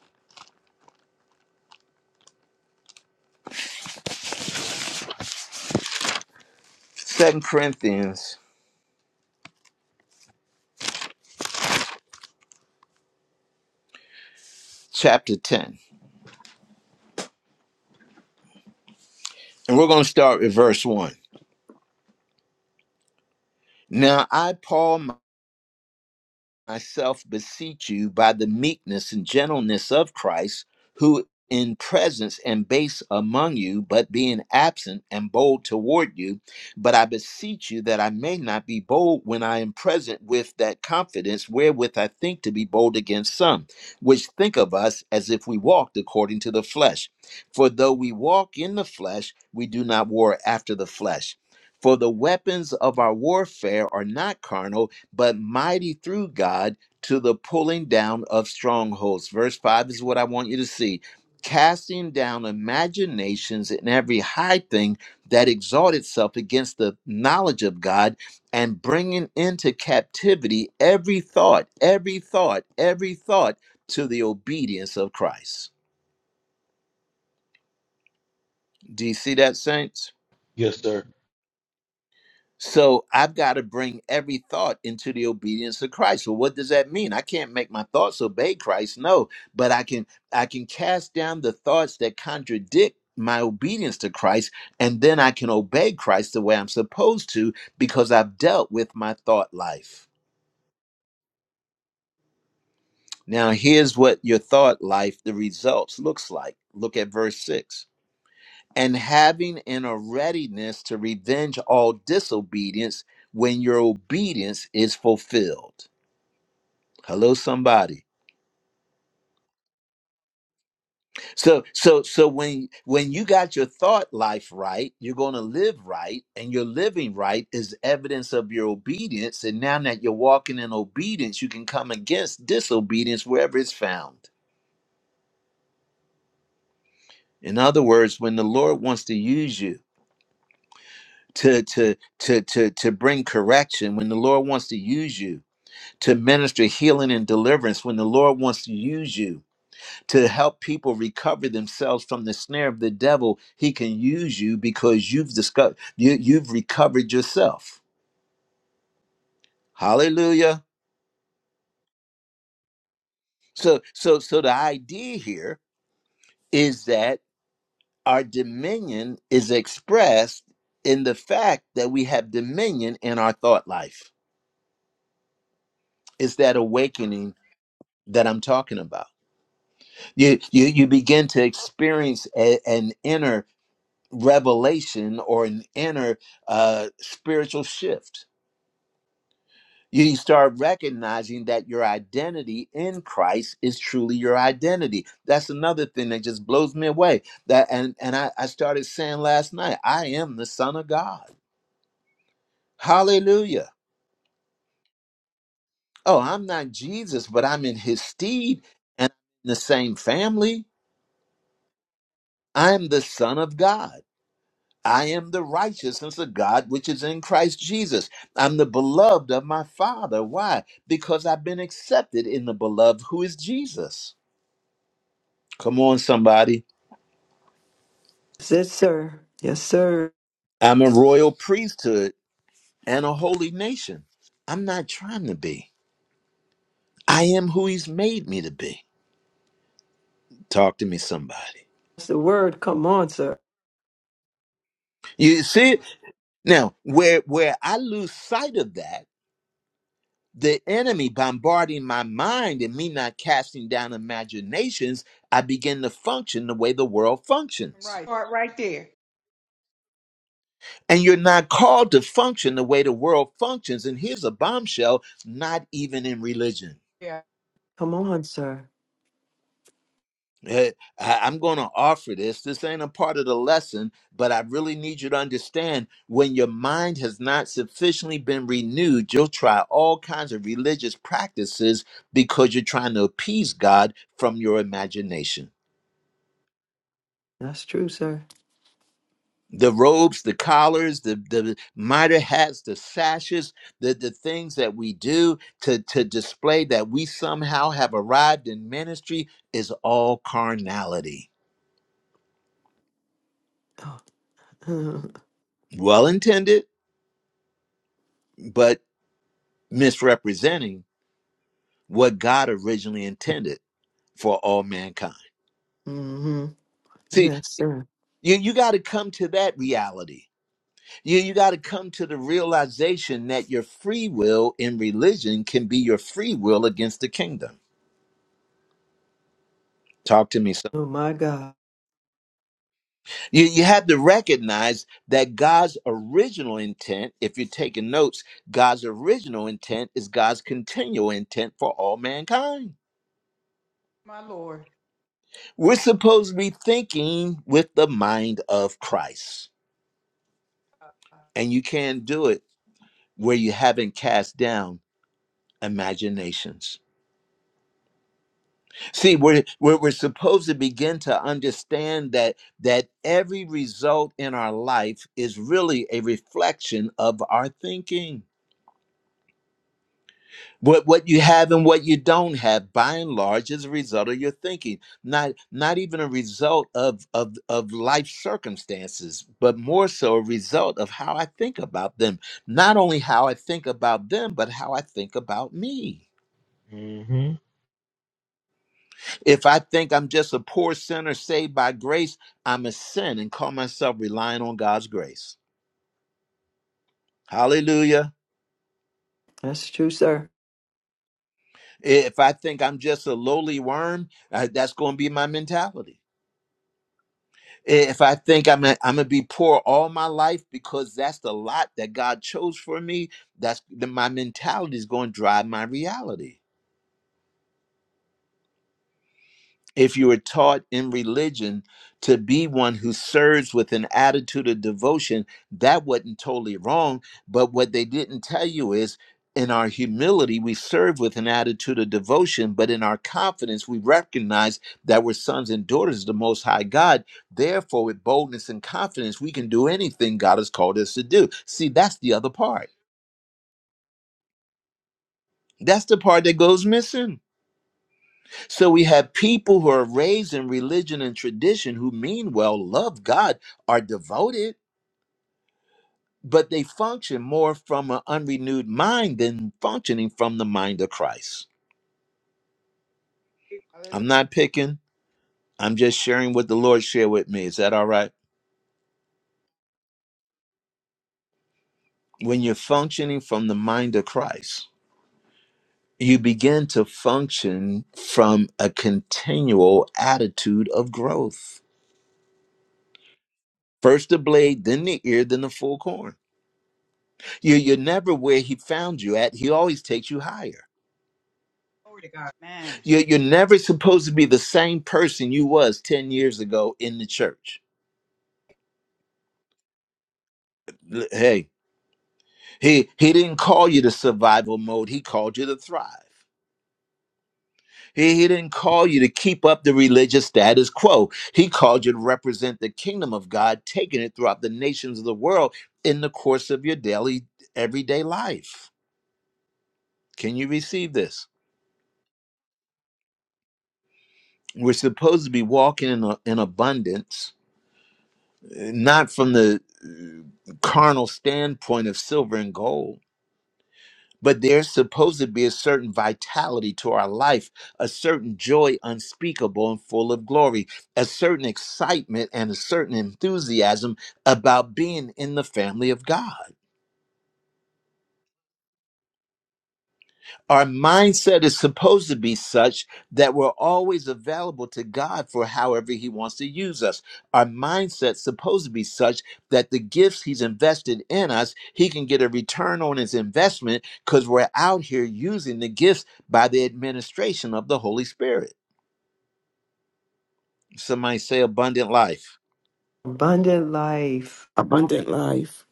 Second Corinthians, chapter ten, and we're going to start with verse one. Now, I, Paul. myself beseech you by the meekness and gentleness of Christ, who in presence and base among you, but being absent and bold toward you. But I beseech you that I may not be bold when I am present with that confidence wherewith I think to be bold against some, which think of us as if we walked according to the flesh. For though we walk in the flesh, we do not war after the flesh. For the weapons of our warfare are not carnal but mighty through God to the pulling down of strongholds. Verse 5 is what I want you to see. Casting down imaginations and every high thing that exalts itself against the knowledge of God, and bringing into captivity every thought, every thought, every thought to the obedience of Christ. Do you see that, saints? Yes, sir. So I've got to bring every thought into the obedience of Christ. So what does that mean? I can't make my thoughts obey Christ, no, but I can I can cast down the thoughts that contradict my obedience to Christ and then I can obey Christ the way I'm supposed to because I've dealt with my thought life. Now here's what your thought life the results looks like. Look at verse 6. And having in a readiness to revenge all disobedience when your obedience is fulfilled. Hello, somebody. So, so, so when when you got your thought life right, you're going to live right, and your living right is evidence of your obedience. And now that you're walking in obedience, you can come against disobedience wherever it's found. In other words, when the Lord wants to use you to to to to to bring correction, when the Lord wants to use you to minister healing and deliverance, when the Lord wants to use you to help people recover themselves from the snare of the devil he can use you because you've discovered you, you've recovered yourself hallelujah so so so the idea here is that our dominion is expressed in the fact that we have dominion in our thought life it's that awakening that i'm talking about you you, you begin to experience a- an inner revelation or an inner uh, spiritual shift you start recognizing that your identity in Christ is truly your identity. That's another thing that just blows me away. That and and I, I started saying last night, I am the Son of God. Hallelujah. Oh, I'm not Jesus, but I'm in his steed and in the same family. I am the Son of God. I am the righteousness of God which is in Christ Jesus. I'm the beloved of my Father. Why? Because I've been accepted in the beloved who is Jesus. Come on, somebody. Yes, sir. Yes, sir. I'm a royal priesthood and a holy nation. I'm not trying to be. I am who he's made me to be. Talk to me, somebody. That's the word. Come on, sir. You see it? Now, where where I lose sight of that, the enemy bombarding my mind and me not casting down imaginations, I begin to function the way the world I'm functions. right. Start right there. And you're not called to function the way the world functions. And here's a bombshell, not even in religion. Yeah, Come on, sir. Hey, I- I'm going to offer this. This ain't a part of the lesson, but I really need you to understand when your mind has not sufficiently been renewed, you'll try all kinds of religious practices because you're trying to appease God from your imagination. That's true, sir. The robes, the collars, the, the mitre hats, the sashes, the, the things that we do to, to display that we somehow have arrived in ministry is all carnality. Oh, (laughs) Well intended but misrepresenting what God originally intended for all mankind. mm-hmm. See, Yes, sir. you, you got to come to that reality. You, you got to come to the realization that your free will in religion can be your free will against the kingdom. Talk to me. Some. Oh, my God. You, you have to recognize that God's original intent, if you're taking notes, God's original intent is God's continual intent for all mankind. my Lord. We're supposed to be thinking with the mind of Christ. and you can't do it where you haven't cast down imaginations see we're, we're we're supposed to begin to understand that that every result in our life is really a reflection of our thinking what what you have and what you don't have by and large is a result of your thinking not not even a result of of of life circumstances but more so a result of how i think about them not only how i think about them but how i think about me hmm If I think I'm just a poor sinner saved by grace, I'm a sin and call myself relying on God's grace. Hallelujah. That's true, sir. If I think I'm just a lowly worm, uh, that's going to be my mentality. If I think I'm i am i am going to be poor all my life because that's the lot that God chose for me, that's the, my mentality is going to drive my reality. if you were taught in religion to be one who serves with an attitude of devotion, that wasn't totally wrong. But what they didn't tell you is in our humility, we serve with an attitude of devotion, but in our confidence, we recognize that we're sons and daughters of the Most High God. Therefore, with boldness and confidence, we can do anything God has called us to do. See, that's the other part. That's the part that goes missing. So we have people who are raised in religion and tradition who mean well, love God, are devoted, but they function more from an unrenewed mind than functioning from the mind of Christ. Hallelujah. I'm not picking, I'm just sharing what the Lord shared with me. Is that all right? When you're functioning from the mind of Christ, you begin to function from a continual attitude of growth. First the blade, then the ear, then the full corn. You, you're never where he found you at. He always takes you higher. Glory to God. Man. You, you're never supposed to be the same person you was 10 years ago in the church. L- Hey, he, he didn't call you to survival mode. He called you to thrive. He, he didn't call you to keep up the religious status quo. He called you to represent the kingdom of God, taking it throughout the nations of the world in the course of your daily, everyday life. Can you receive this? We're supposed to be walking in, a, in abundance not from the uh, carnal standpoint of silver and gold, but there's supposed to be a certain vitality to our life, a certain joy unspeakable and full of glory, a certain excitement and a certain enthusiasm about being in the family of God. our mindset is supposed to be such that we're always available to God for however he wants to use us. Our mindset's supposed to be such that the gifts he's invested in us, he can get a return on his investment cuz we're out here using the gifts by the administration of the Holy Spirit. Somebody say abundant life. Abundant life. Abundant life.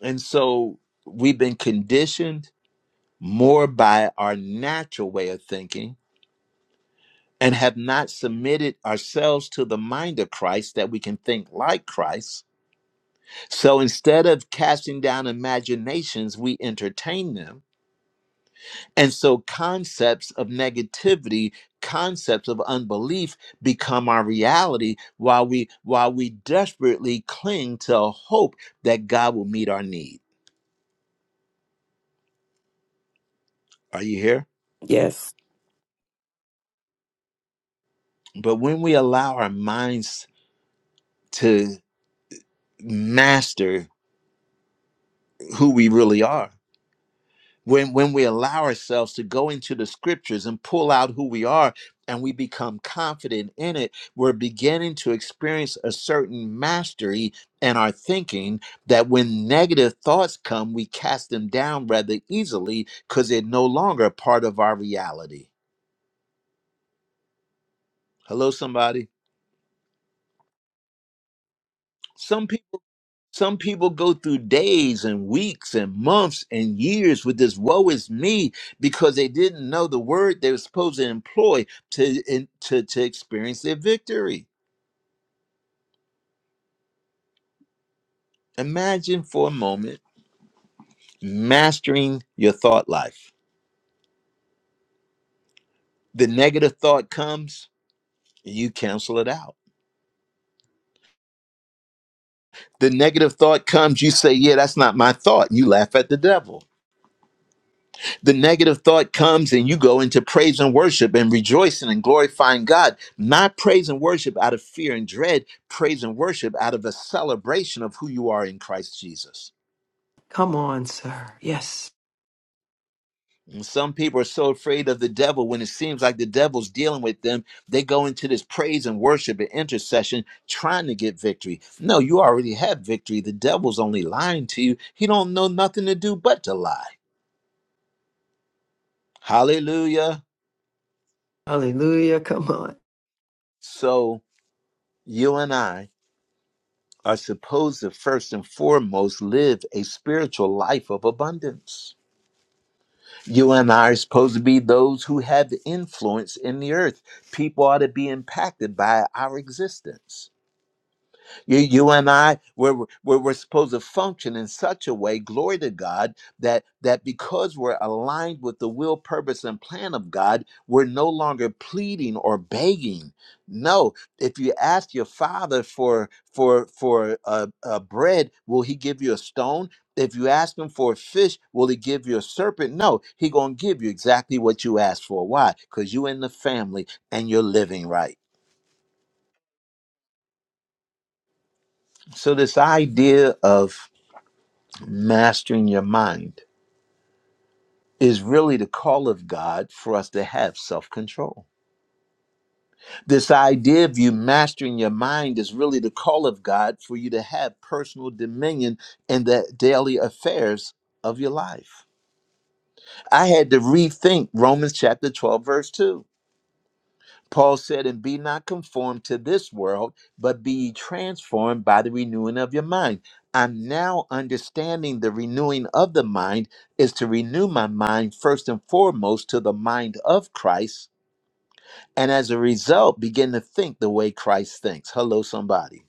And so we've been conditioned more by our natural way of thinking and have not submitted ourselves to the mind of Christ that we can think like Christ. So instead of casting down imaginations, we entertain them. And so concepts of negativity, concepts of unbelief become our reality while we while we desperately cling to a hope that God will meet our need. Are you here? Yes. But when we allow our minds to master who we really are, when when we allow ourselves to go into the scriptures and pull out who we are and we become confident in it we're beginning to experience a certain mastery in our thinking that when negative thoughts come we cast them down rather easily cuz they're no longer a part of our reality hello somebody Some people. Some people go through days and weeks and months and years with this woe is me because they didn't know the word they were supposed to employ to, in, to, to experience their victory. Imagine for a moment mastering your thought life. The negative thought comes, you cancel it out. The negative thought comes, you say, Yeah, that's not my thought. You laugh at the devil the negative thought comes and you go into praise and worship and rejoicing and glorifying God, not praise and worship out of fear and dread, praise and worship out of a celebration of who you are in Christ Jesus. Come on, sir. Yes. And some people are so afraid of the devil when it seems like the devil's dealing with them, they go into this praise and worship and intercession trying to get victory. No, you already have victory. The devil's only lying to you. He don't know nothing to do but to lie. Hallelujah. Hallelujah. Come on. So you and I are supposed to first and foremost live a spiritual life of abundance. You and I are supposed to be those who have influence in the earth. People ought to be impacted by our existence. You, you and I, we're, we're, we're supposed to function in such a way, glory to God, that, that because we're aligned with the will, purpose, and plan of God, we're no longer pleading or begging. No, if you ask your father for for for a, a bread, will he give you a stone? If you ask him for a fish, will he give you a serpent? No, he gonna give you exactly what you asked for. Why? Because you in the family and you're living right. So this idea of mastering your mind is really the call of God for us to have self control. This idea of you mastering your mind is really the call of God for you to have personal dominion in the daily affairs of your life. I had to rethink Romans chapter 12, verse 2 Paul said, and be not conformed to this world, but be ye transformed by the renewing of your mind. I'm now understanding the renewing of the mind is to renew my mind first and foremost to the mind of Christ. And as a result, begin to think the way Christ thinks. Hello, somebody.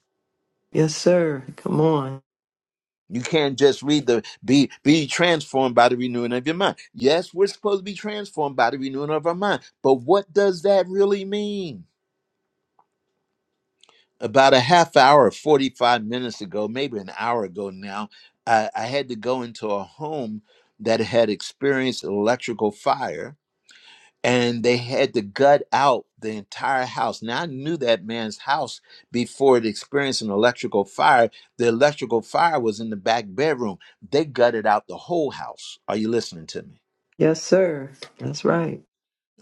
Yes, sir. Come on. You can't just read the be be transformed by the renewing of your mind. Yes, we're supposed to be transformed by the renewing of our mind. But what does that really mean? about a half hour, 45 minutes ago, maybe an hour ago now, I, I had to go into a home that had experienced an electrical fire and they had to gut out the entire house. Now, I knew that man's house before it experienced an electrical fire. The electrical fire was in the back bedroom. They gutted out the whole house. Are you listening to me? Yes, sir. That's right.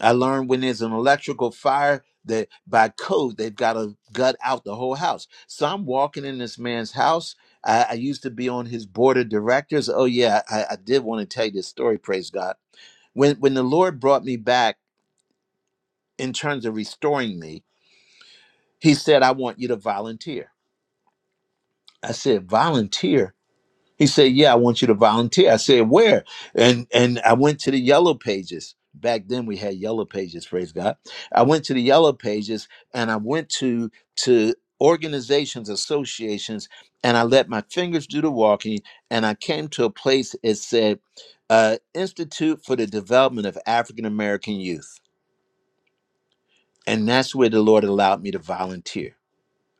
I learned when there's an electrical fire that by code they've got to gut out the whole house. So I'm walking in this man's house. I, I used to be on his board of directors. Oh yeah, I, I did want to tell you this story. Praise God. When when the Lord brought me back in terms of restoring me, He said, "I want you to volunteer." I said, "Volunteer? He said, "Yeah, I want you to volunteer." I said, "Where?" And and I went to the yellow pages. Back then we had yellow pages, praise God. I went to the yellow pages and I went to to organizations, associations, and I let my fingers do the walking and I came to a place it said uh, Institute for the Development of African American Youth. And that's where the Lord allowed me to volunteer.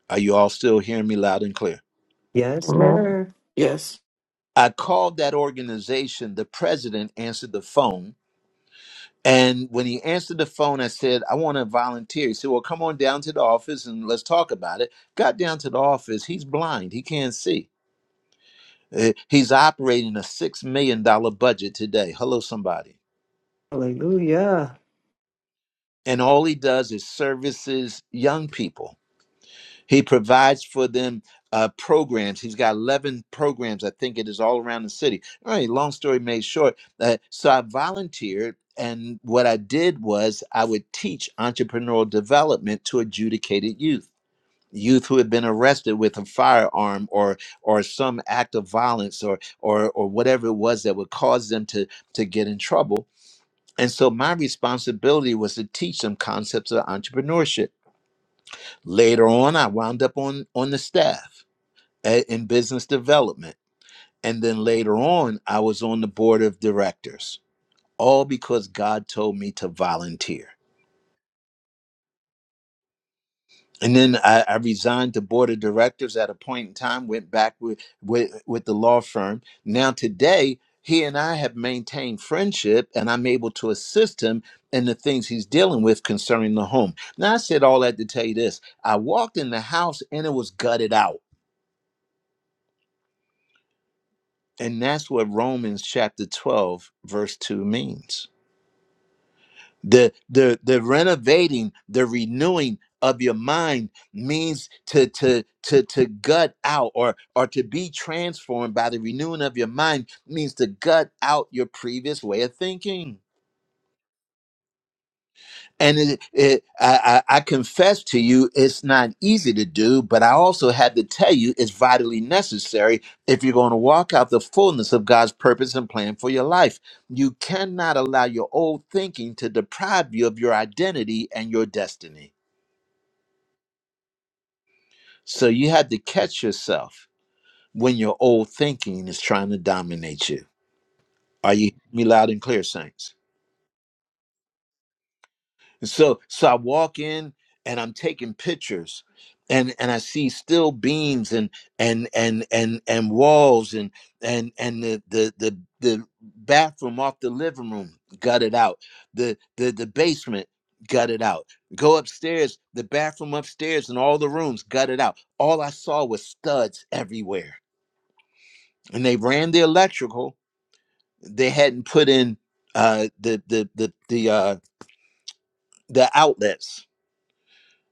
Are you all still hearing me loud and clear? Yes, Amen. sir. Yes. I called that organization. The president answered the phone And when he answered the phone, I said, I want to volunteer. He said, Well, come on down to the office and let's talk about it. Got down to the office. He's blind. He can't see. Uh, He's operating a $6 million dollars budget today. Hello, somebody. Hallelujah. And all he does is services young people He provides for them uh, programs. He's got 11 programs, I think it is, all around the city. All right, long story made short. Uh, so I volunteered, and what I did was I would teach entrepreneurial development to adjudicated youth. Youth who had been arrested with a firearm or or some act of violence or or or whatever it was that would cause them to to get in trouble. And so my responsibility was to teach them concepts of entrepreneurship. Later on, I wound up on on the staff a- in business development. And then later on, I was on the board of directors, all because God told me to volunteer. And then I, I resigned the board of directors at a point in time, went back with, with, with the law firm. Now, today, he and I have maintained friendship, and I'm able to assist him in the things he's dealing with concerning the home. Now, I said all that to tell you this I walked in the house and it was gutted out. And that's what Romans chapter 12, verse 2 means. the the the renovating the renewing of your mind means to to to to gut out or or to be transformed by the renewing of your mind means to gut out your previous way of thinking and it, it, I, I I confess to you, it's not easy to do, but I also had to tell you it's vitally necessary if you're going to walk out the fullness of God's purpose and plan for your life. You cannot allow your old thinking to deprive you of your identity and your destiny. So you had to catch yourself when your old thinking is trying to dominate you. Are you hearing me loud and clear, Saints? So so I walk in and I'm taking pictures and and I see still beams and and and and and walls and and and the the the, the bathroom off the living room got it out. The the the basement got it out. Go upstairs, the bathroom upstairs and all the rooms got it out. All I saw was studs everywhere. And they ran the electrical. They hadn't put in uh the the the the uh the outlets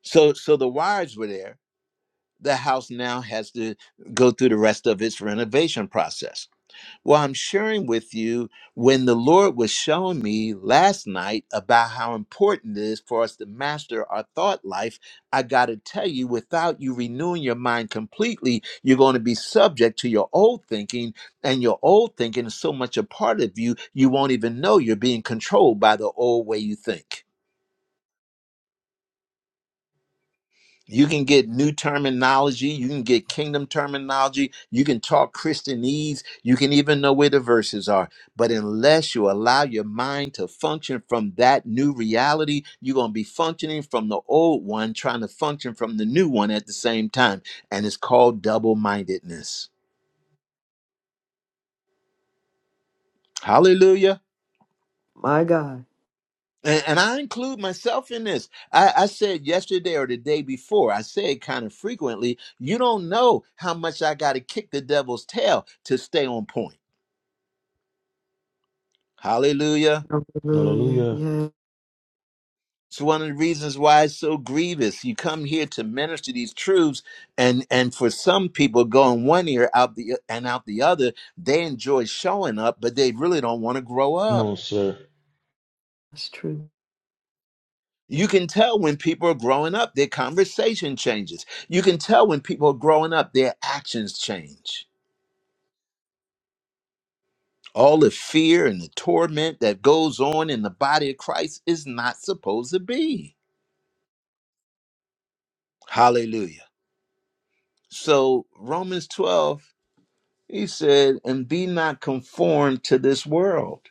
So so the wires were there. The house now has to go through the rest of its renovation process. Well, I'm sharing with you when the Lord was showing me last night about how important it is for us to master our thought life. I got to tell you, without you renewing your mind completely, you're going to be subject to your old thinking, and your old thinking is so much a part of you, you won't even know you're being controlled by the old way you think. You can get new terminology. You can get kingdom terminology. You can talk Christianese. You can even know where the verses are. But unless you allow your mind to function from that new reality, you're going to be functioning from the old one, trying to function from the new one at the same time. And it's called double mindedness. Hallelujah. My God. And, and I include myself in this. I, I said yesterday or the day before, I say it kind of frequently, you don't know how much I got to kick the devil's tail to stay on point. Hallelujah. Hallelujah. Hallelujah. Yeah, It's one of the reasons why it's so grievous. You come here to minister these truths, and and for some people going one ear out the and out the other, they enjoy showing up, but they really don't want to grow Come up. on, sir. that's true. You can tell when people are growing up, their conversation changes. You can tell when people are growing up, their actions change. All the fear and the torment that goes on in the body of Christ is not supposed to be. Hallelujah. So, Romans 12, he said, And be not conformed to this world,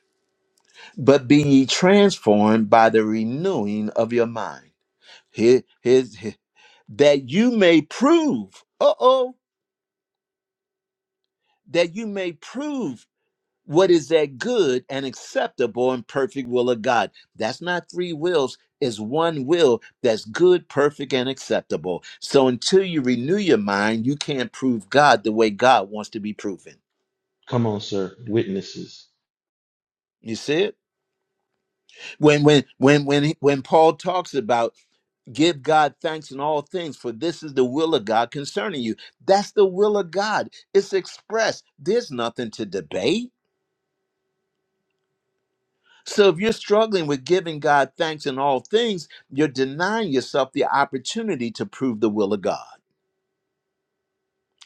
but be ye transformed by the renewing of your mind. Here, here's, here- that you may prove, uh oh, that you may prove what is that good and acceptable and perfect will of God. That's not three wills, it's one will that's good, perfect, and acceptable. So until you renew your mind, you can't prove God the way God wants to be proven. Come on, sir. Witnesses. You see it? When when when when he- when Paul talks about give God thanks in all things, for this is the will of God concerning you. That's the will of God. It's expressed. There's nothing to debate. So if you're struggling with giving God thanks in all things, you're denying yourself the opportunity to prove the will of God.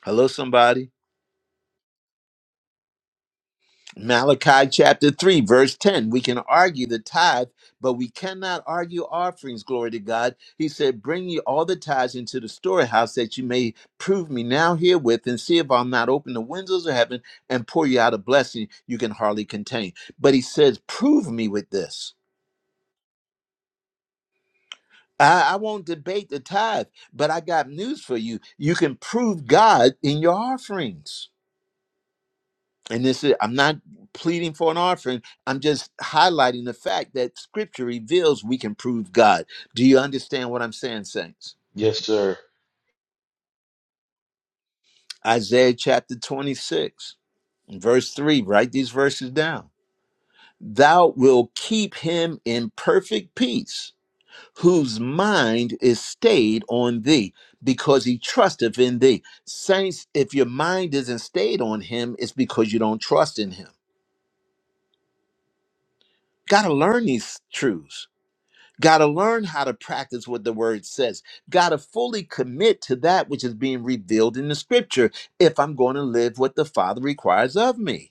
Hello, somebody. Malachi chapter 3, verse 10. We can argue the tithe, but we cannot argue offerings. Glory to God. He said, Bring ye all the tithes into the storehouse that you may prove me now herewith and see if I'll not open the windows of heaven and pour you out a blessing you can hardly contain. But he says, Prove me with this. I, I won't debate the tithe, but I got news for you. You can prove God in your offerings. And this is, I'm not pleading for an offering. I'm just highlighting the fact that scripture reveals we can prove God. Do you understand what I'm saying, saints? Yes, sir. Isaiah chapter 26, verse 3, write these verses down. Thou will keep him in perfect peace whose mind is stayed on thee because he trusteth in thee. Saints, if your mind isn't stayed on him, it's because you don't trust in him. Got to learn these truths. Got to learn how to practice what the word says. Got to fully commit to that which is being revealed in the scripture if I'm going to live what the Father requires of me.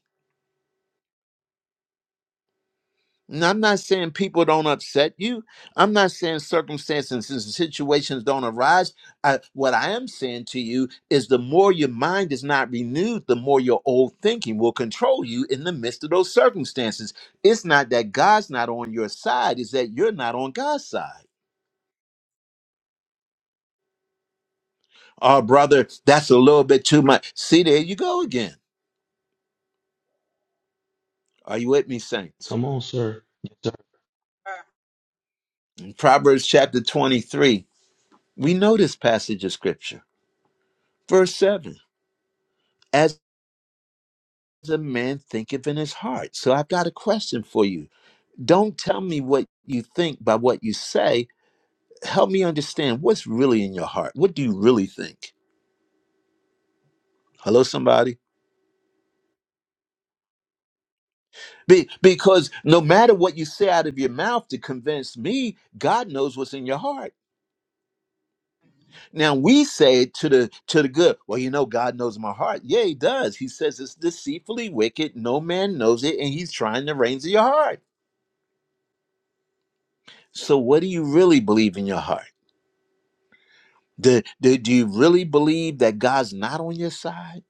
Now, I'm not saying people don't upset you. I'm not saying circumstances and situations don't arise. I, what I am saying to you is the more your mind is not renewed, the more your old thinking will control you in the midst of those circumstances. It's not that God's not on your side, it's that you're not on God's side. Oh, brother, that's a little bit too much. See, there you go again. Are you with me, saints? Come on, sir. Yes, sir. In Proverbs chapter 23, we know this passage of scripture, verse 7 a man thinketh in his heart. So I've got a question for you. Don't tell me what you think by what you say. Help me understand what's really in your heart. What do you really think? Hello, somebody. Be- because no matter what you say out of your mouth to convince me, God knows what's in your heart. Now we say to the to the good, well, you know, God knows my heart. Yeah, He does. He says it's deceitfully wicked. No man knows it, and He's trying the reins of your heart. So, what do you really believe in your heart? Do, do, do you really believe that God's not on your side?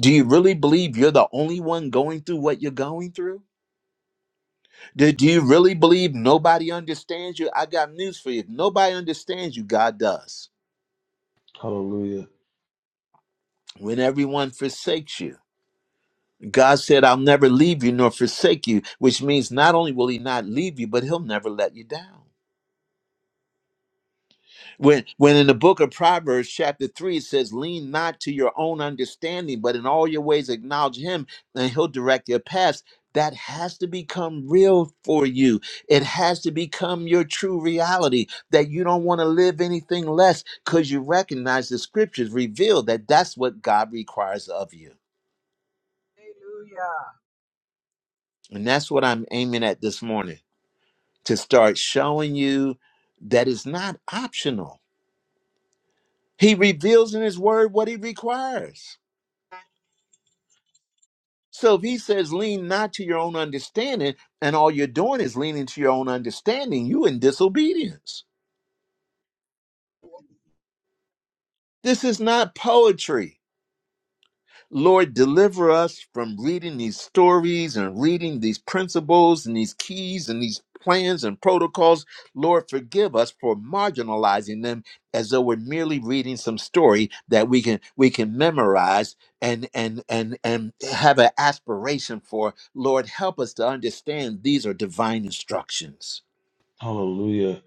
Do you really believe you're the only one going through what you're going through? Do, do you really believe nobody understands you? I got news for you. If nobody understands you, God does. Hallelujah. When everyone forsakes you, God said, I'll never leave you nor forsake you, which means not only will He not leave you, but He'll never let you down. When when in the book of Proverbs, chapter three, it says, Lean not to your own understanding, but in all your ways acknowledge him, and he'll direct your paths. That has to become real for you. It has to become your true reality that you don't want to live anything less because you recognize the scriptures reveal that that's what God requires of you. Hallelujah. And that's what I'm aiming at this morning to start showing you that it's not optional. He reveals in his word what he requires. So if he says, lean not to your own understanding, and all you're doing is leaning to your own understanding, you in disobedience. This is not poetry. Lord, deliver us from reading these stories and reading these principles and these keys and these plans and protocols. Lord, forgive us for marginalizing them as though we're merely reading some story that we can we can memorize and and and and have an aspiration for. Lord, help us to understand these are divine instructions. Hallelujah.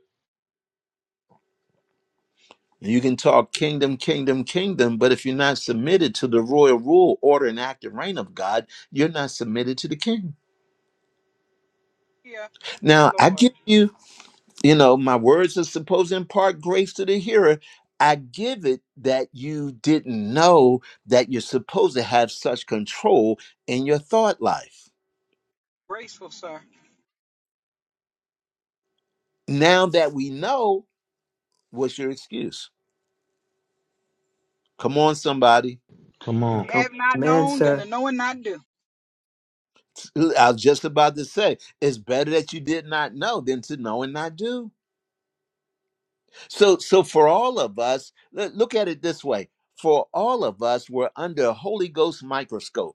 You can talk kingdom, kingdom, kingdom, but if you're not submitted to the royal rule, order, and active reign of God, you're not submitted to the king. Yeah. Now, I Lord. give you, you know, my words are supposed to impart grace to the hearer. I give it that you didn't know that you're supposed to have such control in your thought life. Graceful, sir. Now that we know, what's your excuse? Come on, somebody. Come That you on. Come. have not Amen, known, then the sir. knowing not do. I was just about to say, it's better that you did not know than to know and not do. So, so for all of us, let- look at it this way: for all of us, we're under a Holy Ghost microscope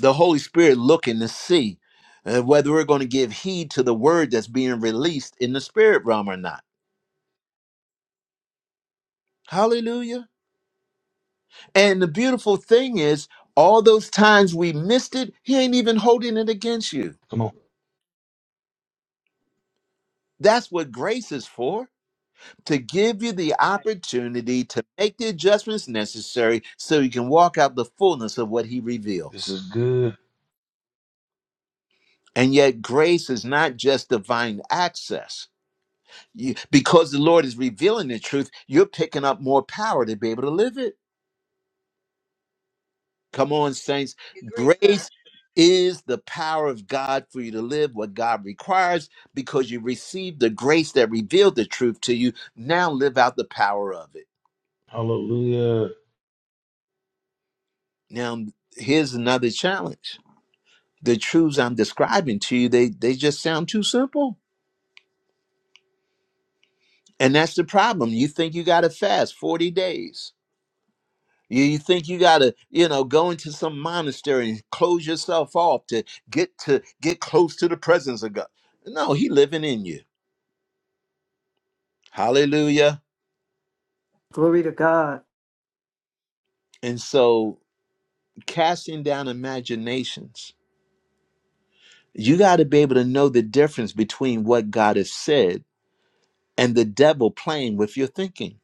the Holy Spirit looking to see uh, whether we're going to give heed to the word that's being released in the spirit realm or not. Hallelujah. And the beautiful thing is, all those times we missed it, He ain't even holding it against you. Come on. That's what grace is for to give you the Right. opportunity to make the adjustments necessary so you can walk out the fullness of what He This reveals. is good. And yet, grace is not just divine access You, because the Lord is revealing the truth, you're picking up more power to be able to live it. Come on, saints. Agree, sir. Grace is the power of God for you to live what God requires because you received the grace that revealed the truth to you. Now live out the power of it. Hallelujah. Now, here's another challenge. The truths I'm describing to you, they, they just sound too simple. And that's the problem. You think you got to fast 40 days You, you think you gotta, you know, go into some monastery and close yourself off to get to get close to the presence of God. No, he living in you. Hallelujah. Glory to God. And so casting down imaginations, you gotta be able to know the difference between what God has said and the devil playing with your thinking.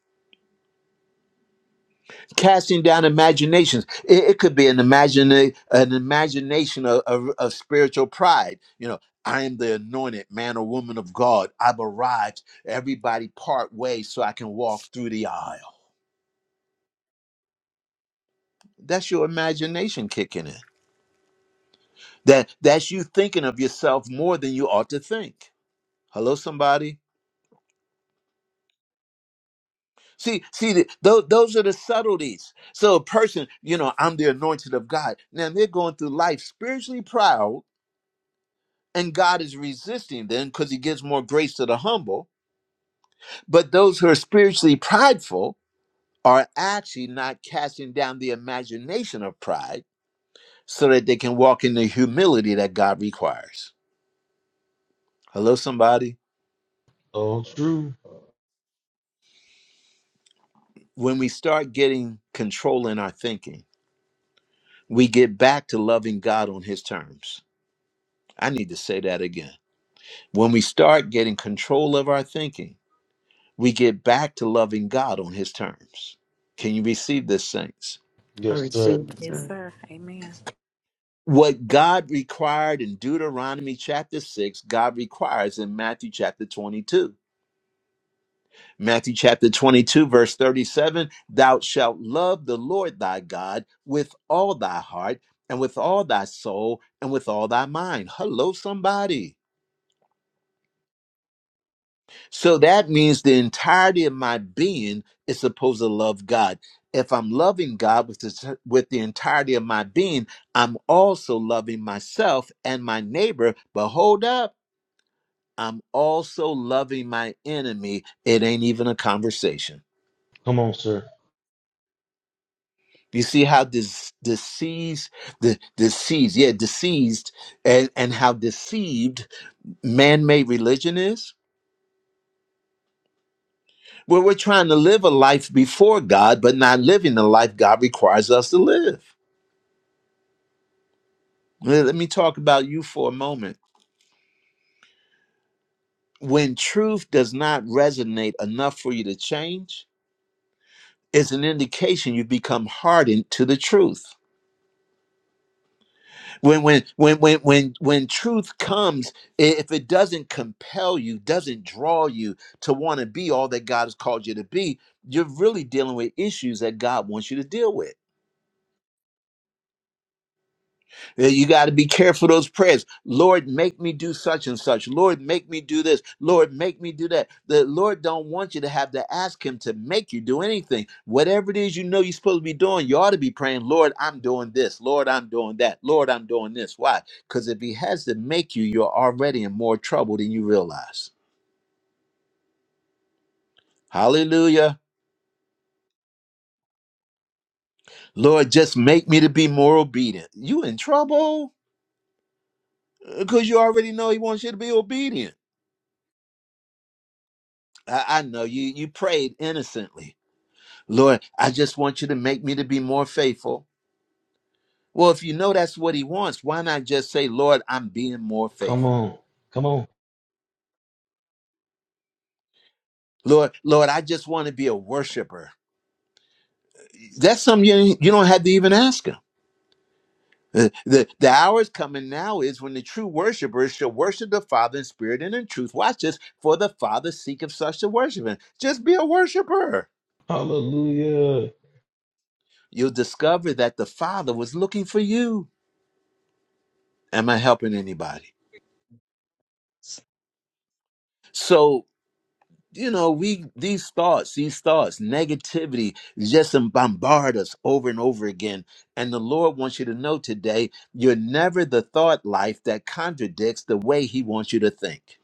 casting down imaginations it, it could be an imagine an imagination of, of, of spiritual pride you know i am the anointed man or woman of god i've arrived everybody part way so i can walk through the aisle that's your imagination kicking in that that's you thinking of yourself more than you ought to think hello somebody See, see, th- those those are the subtleties. So a person, you know, I'm the anointed of God. Now they're going through life spiritually proud. and God is resisting them because he gives more grace to the humble. But those who are spiritually prideful are actually not casting down the imagination of pride so that they can walk in the humility that God requires. Hello, somebody. All true. When we start getting control in our thinking, we get back to loving God on his terms. I need to say that again. When we start getting control of our thinking, we get back to loving God on his terms. Can you receive this, saints? I Yes, sir. receive, Yes, sir. sir. Amen. What God required in Deuteronomy chapter 6, God requires in Matthew chapter 22. Matthew chapter 22, verse 37 Thou shalt love the Lord thy God with all thy heart, and with all thy soul, and with all thy mind. Hello, somebody. So that means the entirety of my being is supposed to love God. If I'm loving God with the, with the entirety of my being, I'm also loving myself and my neighbor. But hold up. I'm also loving my enemy. It ain't even a conversation. Come on, sir. You see how this diseased, the diseased, yeah, deceased, and, and how deceived man-made religion is? Where we're trying to live a life before God, but not living the life God requires us to live. Let let me talk about you for a moment. When truth does not resonate enough for you to change, it's an indication you've become hardened to the truth. when when when when when when truth comes i- if it doesn't compel you doesn't draw you to want to be all that god has called you to be you're really dealing with issues that god wants you to deal with Yeah, You got to be careful of those prayers. Lord, make me do such and such. Lord, make me do this. Lord, make me do that. The Lord don't want you to have to ask him to make you do anything. Whatever it is you know you're supposed to be doing, you ought to be praying, Lord, I'm doing this. Lord, I'm doing that. Lord, I'm doing this. Why? Because if he has to make you, you're already in more trouble than you realize. Hallelujah. Lord, just make me to be more obedient. You in trouble because you already know he wants you to be obedient. I, I know you you prayed innocently Lord, I just want you to make me to be more faithful. Well, if you know that's what he wants, why not just say, Lord, I'm being more Come faithful? on. Come on. Lord, Lord, I just want to be a worshiper. That's something you, you don't have to even ask him. The, the, the hour is coming now is when the true worshipers shall worship the Father in spirit and in truth. Watch this, for the Father seeketh such to worship him. Just be a worshiper. Hallelujah. You'll discover that the Father was looking for you. Am I helping anybody? So you know we these thoughts these thoughts negativity just um, bombard us over and over again and the lord wants you to know today you're never the thought life that contradicts the way he wants you to think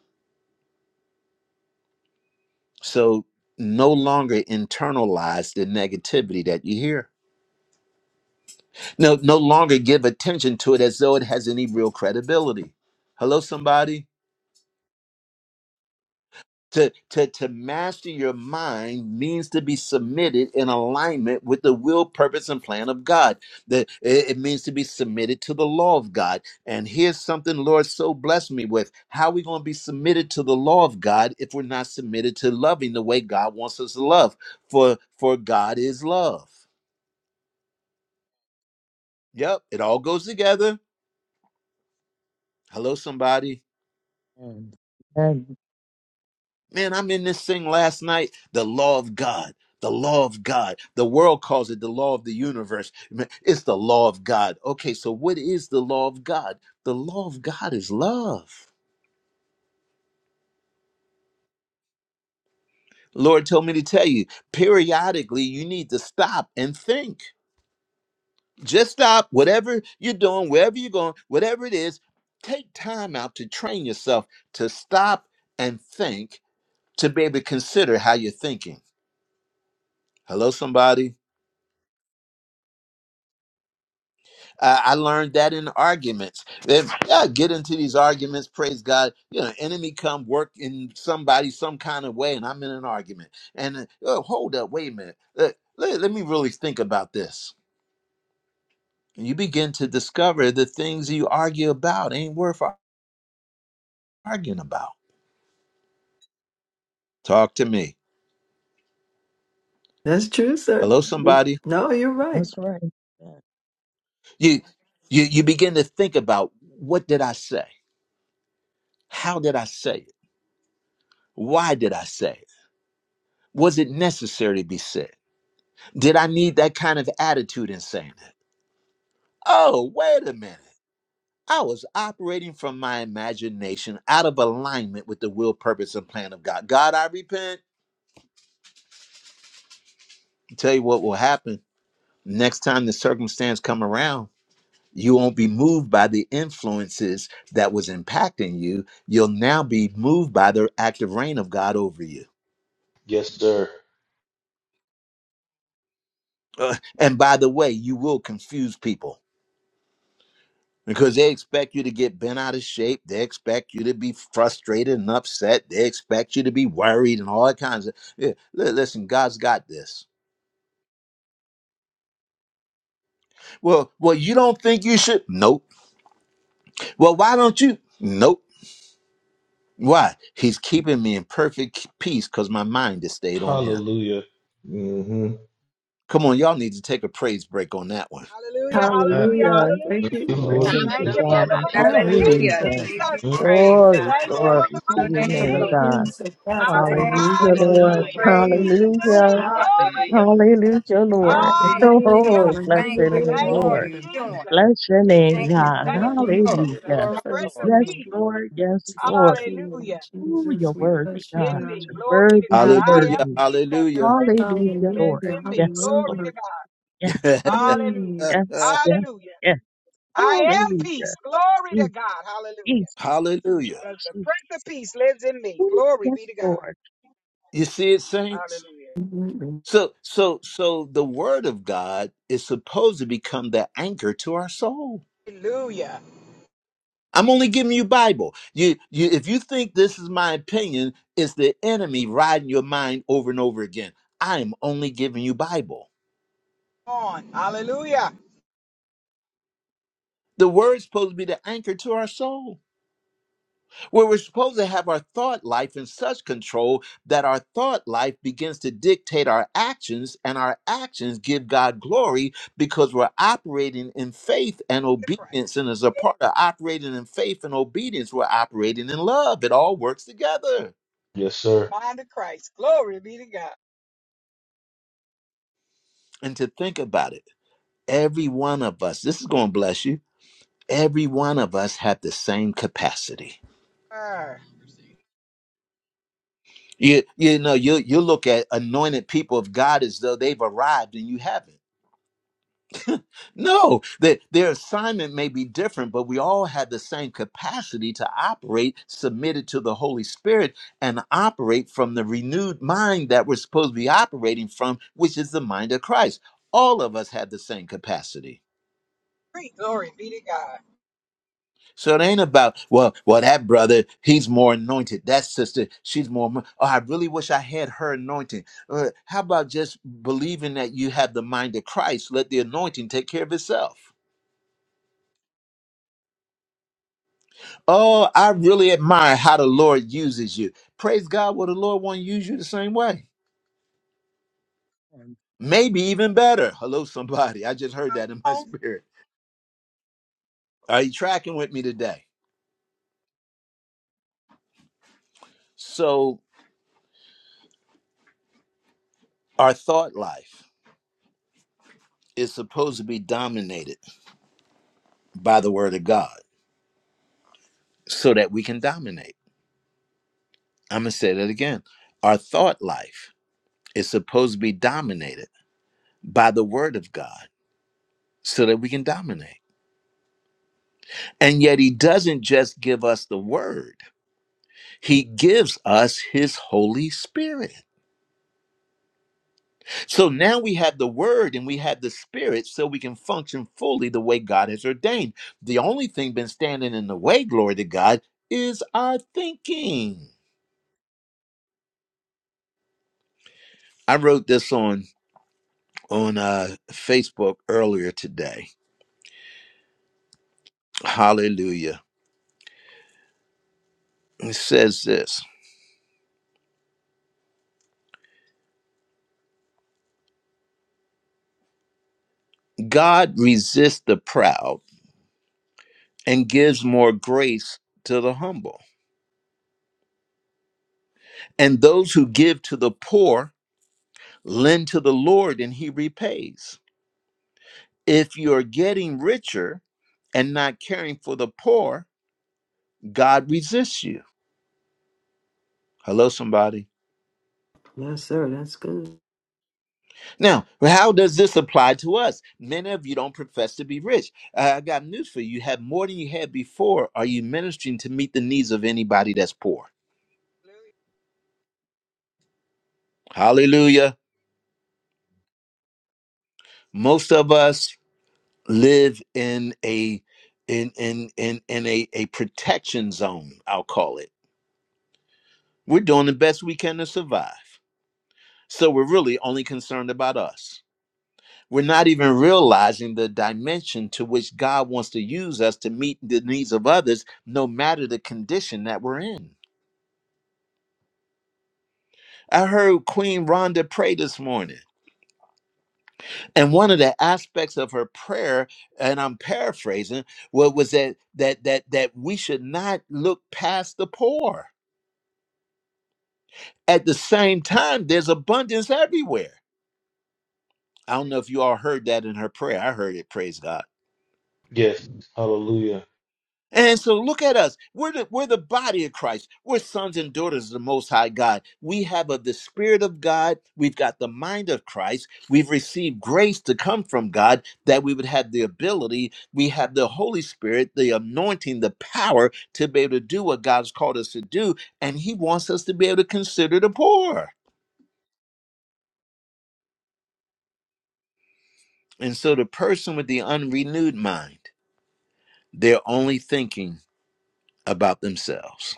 so no longer internalize the negativity that you hear no no longer give attention to it as though it has any real credibility hello somebody to to to master your mind means to be submitted in alignment with the will purpose and plan of god that it, it means to be submitted to the law of god and here's something lord so blessed me with how are we going to be submitted to the law of god if we're not submitted to loving the way god wants us to love for for god is love yep it all goes together hello somebody And, and Man, I'm in this thing last night. The law of God. The law of God. The world calls it the law of the universe. It's the law of God. Okay, so what is the law of God? The law of God is love. Lord told me to tell you periodically, you need to stop and think. Just stop, whatever you're doing, wherever you're going, whatever it is, take time out to train yourself to stop and think to be able to consider how you're thinking. Hello, somebody. Uh, I learned that in arguments. If I get into these arguments, praise God, you know, enemy come work in somebody some kind of way, and I'm in an argument. And uh, oh, hold up, wait a minute. Let, let, let me really think about this. And you begin to discover the things you argue about ain't worth ar- arguing about. Talk to me. That's true, sir. Hello, somebody. No, you're right. that's right. You you you begin to think about what did I say? How did I say it? Why did I say it? Was it necessary to be said? Did I need that kind of attitude in saying it? Oh, wait a minute. I was operating from my imagination out of alignment with the will, purpose, and plan of God. God, I repent. tell you what will happen. Next time the circumstance come around, you won't be moved by the influences that was impacting you. You'll now be moved by the active reign of God over you. Yes, sir. Uh, and by the way, you will confuse people because they expect you to get bent out of shape. They expect you to be frustrated and upset. They expect you to be worried and all that kinds of. Yeah, li- listen, God's got this. Well, well, you don't think you should? Nope. Well, why don't you? Nope. Why? He's keeping me in perfect peace because my mind is stayed on Him. Hallelujah. hmm Come on, y'all need to take a praise break on that one. Hallelujah, Thank hallelujah, Hallelujah. Hallelujah. Thank hallelujah. you, you, Lord Lord. Glory for Thank Jesus. to this you Hallelujah, for God. the perfect Thank hallelujah. peace, you Hallelujah. for Hallelujah. the Thank you, Jesus. word. Praise thank Jesus. Glory, God. Thank you glory for Glory the to to your your you perfect for name, name, peace. the Lord. God. peace of I passes Thank you, reside Hallelujah, in Lord. understanding. Lord. peace God. because Praise Thank peace your is you. in holy me. Hallelujah. name. God. Glory. Hallelujah, To your Lord. (laughs) name, Hallelujah. Hallelujah. But Oh, Jesus. I bless know Thank you're your you there name, for and Thank you know you, all Lord. what you're I'm doing. saying. Jesus. Bless your name, Thank Thank you, God. you, Thank Lord. you, thank you, thank Jesus. Hallelujah. The you for Prince this of Yes, love. Peace. Lord. Yes, Lord. Thank you, Lord Hallelujah. Oh, Jesus. you're We worthy, bless you, In God. me. God. You're Glory to worthy, you're God. I Hallelujah! am worthy. peace because the Hallelujah! Prince of Peace Hallelujah, lives Lord. Hallelujah. in me. Yes, Lord. Glory to Hallelujah. God. Yes. Mm. Mm, Hallelujah. Yes, yes, Hallelujah. yes. I am peace. Hallelujah. Glory to Mm, God. Hallelujah. Jesus, (laughs) hallelujah! Because the Jesus. Prince of Peace lives in me. Ooh, Glory be Yes, to God. Lord. You see it, saints. mm, mm. So so so the word of God is supposed to become the anchor to our soul. Hallelujah. Hallelujah. I'm only giving you Bible. You you if you think this is my opinion, it's the enemy riding your mind over and over again. I am only giving you Bible. On. Hallelujah. The word's supposed to be the anchor to our soul. Where we're supposed to have our thought life in such control that our thought life begins to dictate our actions, and our actions give God glory because we're operating in faith and To Christ. obedience. And as a part of operating in faith and obedience, we're operating in love. It all works together. Yes, sir. mind of Christ. Glory be to God. And to think about it, every one of us, this is going to bless you, every one of us have the same capacity. Arr. You, you know, you, you look at anointed people of God as though they've arrived and you haven't No, that their assignment may be different, but we all have the same capacity to operate submitted to the Holy Spirit and operate from the renewed mind that we're supposed to be operating from, which is the mind of Christ. All of us have the same capacity. Great glory be to God. So it ain't about, well, well, that brother, he's more anointed. That sister, she's more. mo- Oh, I really wish I had her anointing. Uh, how about just believing that you have the mind of Christ? Let the anointing take care of itself. Oh, I really admire how the Lord uses you. Praise God, will the Lord want to use you the same way? Hallelujah. Maybe even better. Hello, somebody. I just heard that Come in my (laughs) on. spirit. Are you tracking with me today? So, our thought life is supposed to be dominated by the Word of God so that we can dominate. I'm going to say that again. Our thought life is supposed to be dominated by the Word of God so that we can dominate. And yet, He doesn't just give us the Word. He gives us his Holy Spirit. So now we have the Word and we have the Spirit so we can function fully the way God has ordained. The only thing been standing in the way, glory to God, is our thinking. I wrote this on on uh, Facebook earlier today. Hallelujah. It says this God resists the proud and gives more grace to the humble. And those who give to the poor lend to the Lord and he repays. If you're getting richer and not caring for the poor, God resists you. Hello, somebody. Yes, sir. That's good. Now, how does this apply to us? Many of you don't profess to be rich. Uh, I got news for you. You have more than you had before. Are you ministering to meet the needs of anybody that's poor? Hallelujah. Hallelujah. Most of us live in a in in in, in a, a protection zone, I'll call it. We're doing the best we can to survive. So we're really only concerned about us. We're not even realizing the dimension to which God wants to use us to meet the needs of others, no matter the condition that we're in. I heard Queen Rhonda pray this morning, and one of the aspects of her prayer, and I'm paraphrasing, what was that that that that we should not look past the poor. At the same time, there's abundance everywhere. I don't know Great. if you all heard that in her prayer. I heard it, praise God. Yes. Hallelujah. And so look at us. We're the, we're the body of Christ. We're sons and daughters of the Most High God. We have of the Spirit of God. We've got the mind of Christ. We've received grace to come from God that we would have the ability. We have the Holy Spirit, the anointing, the power to be able to do what God's called us to do. And He wants us to be able to consider the poor. And so the person with the unrenewed mind, they're only thinking about themselves.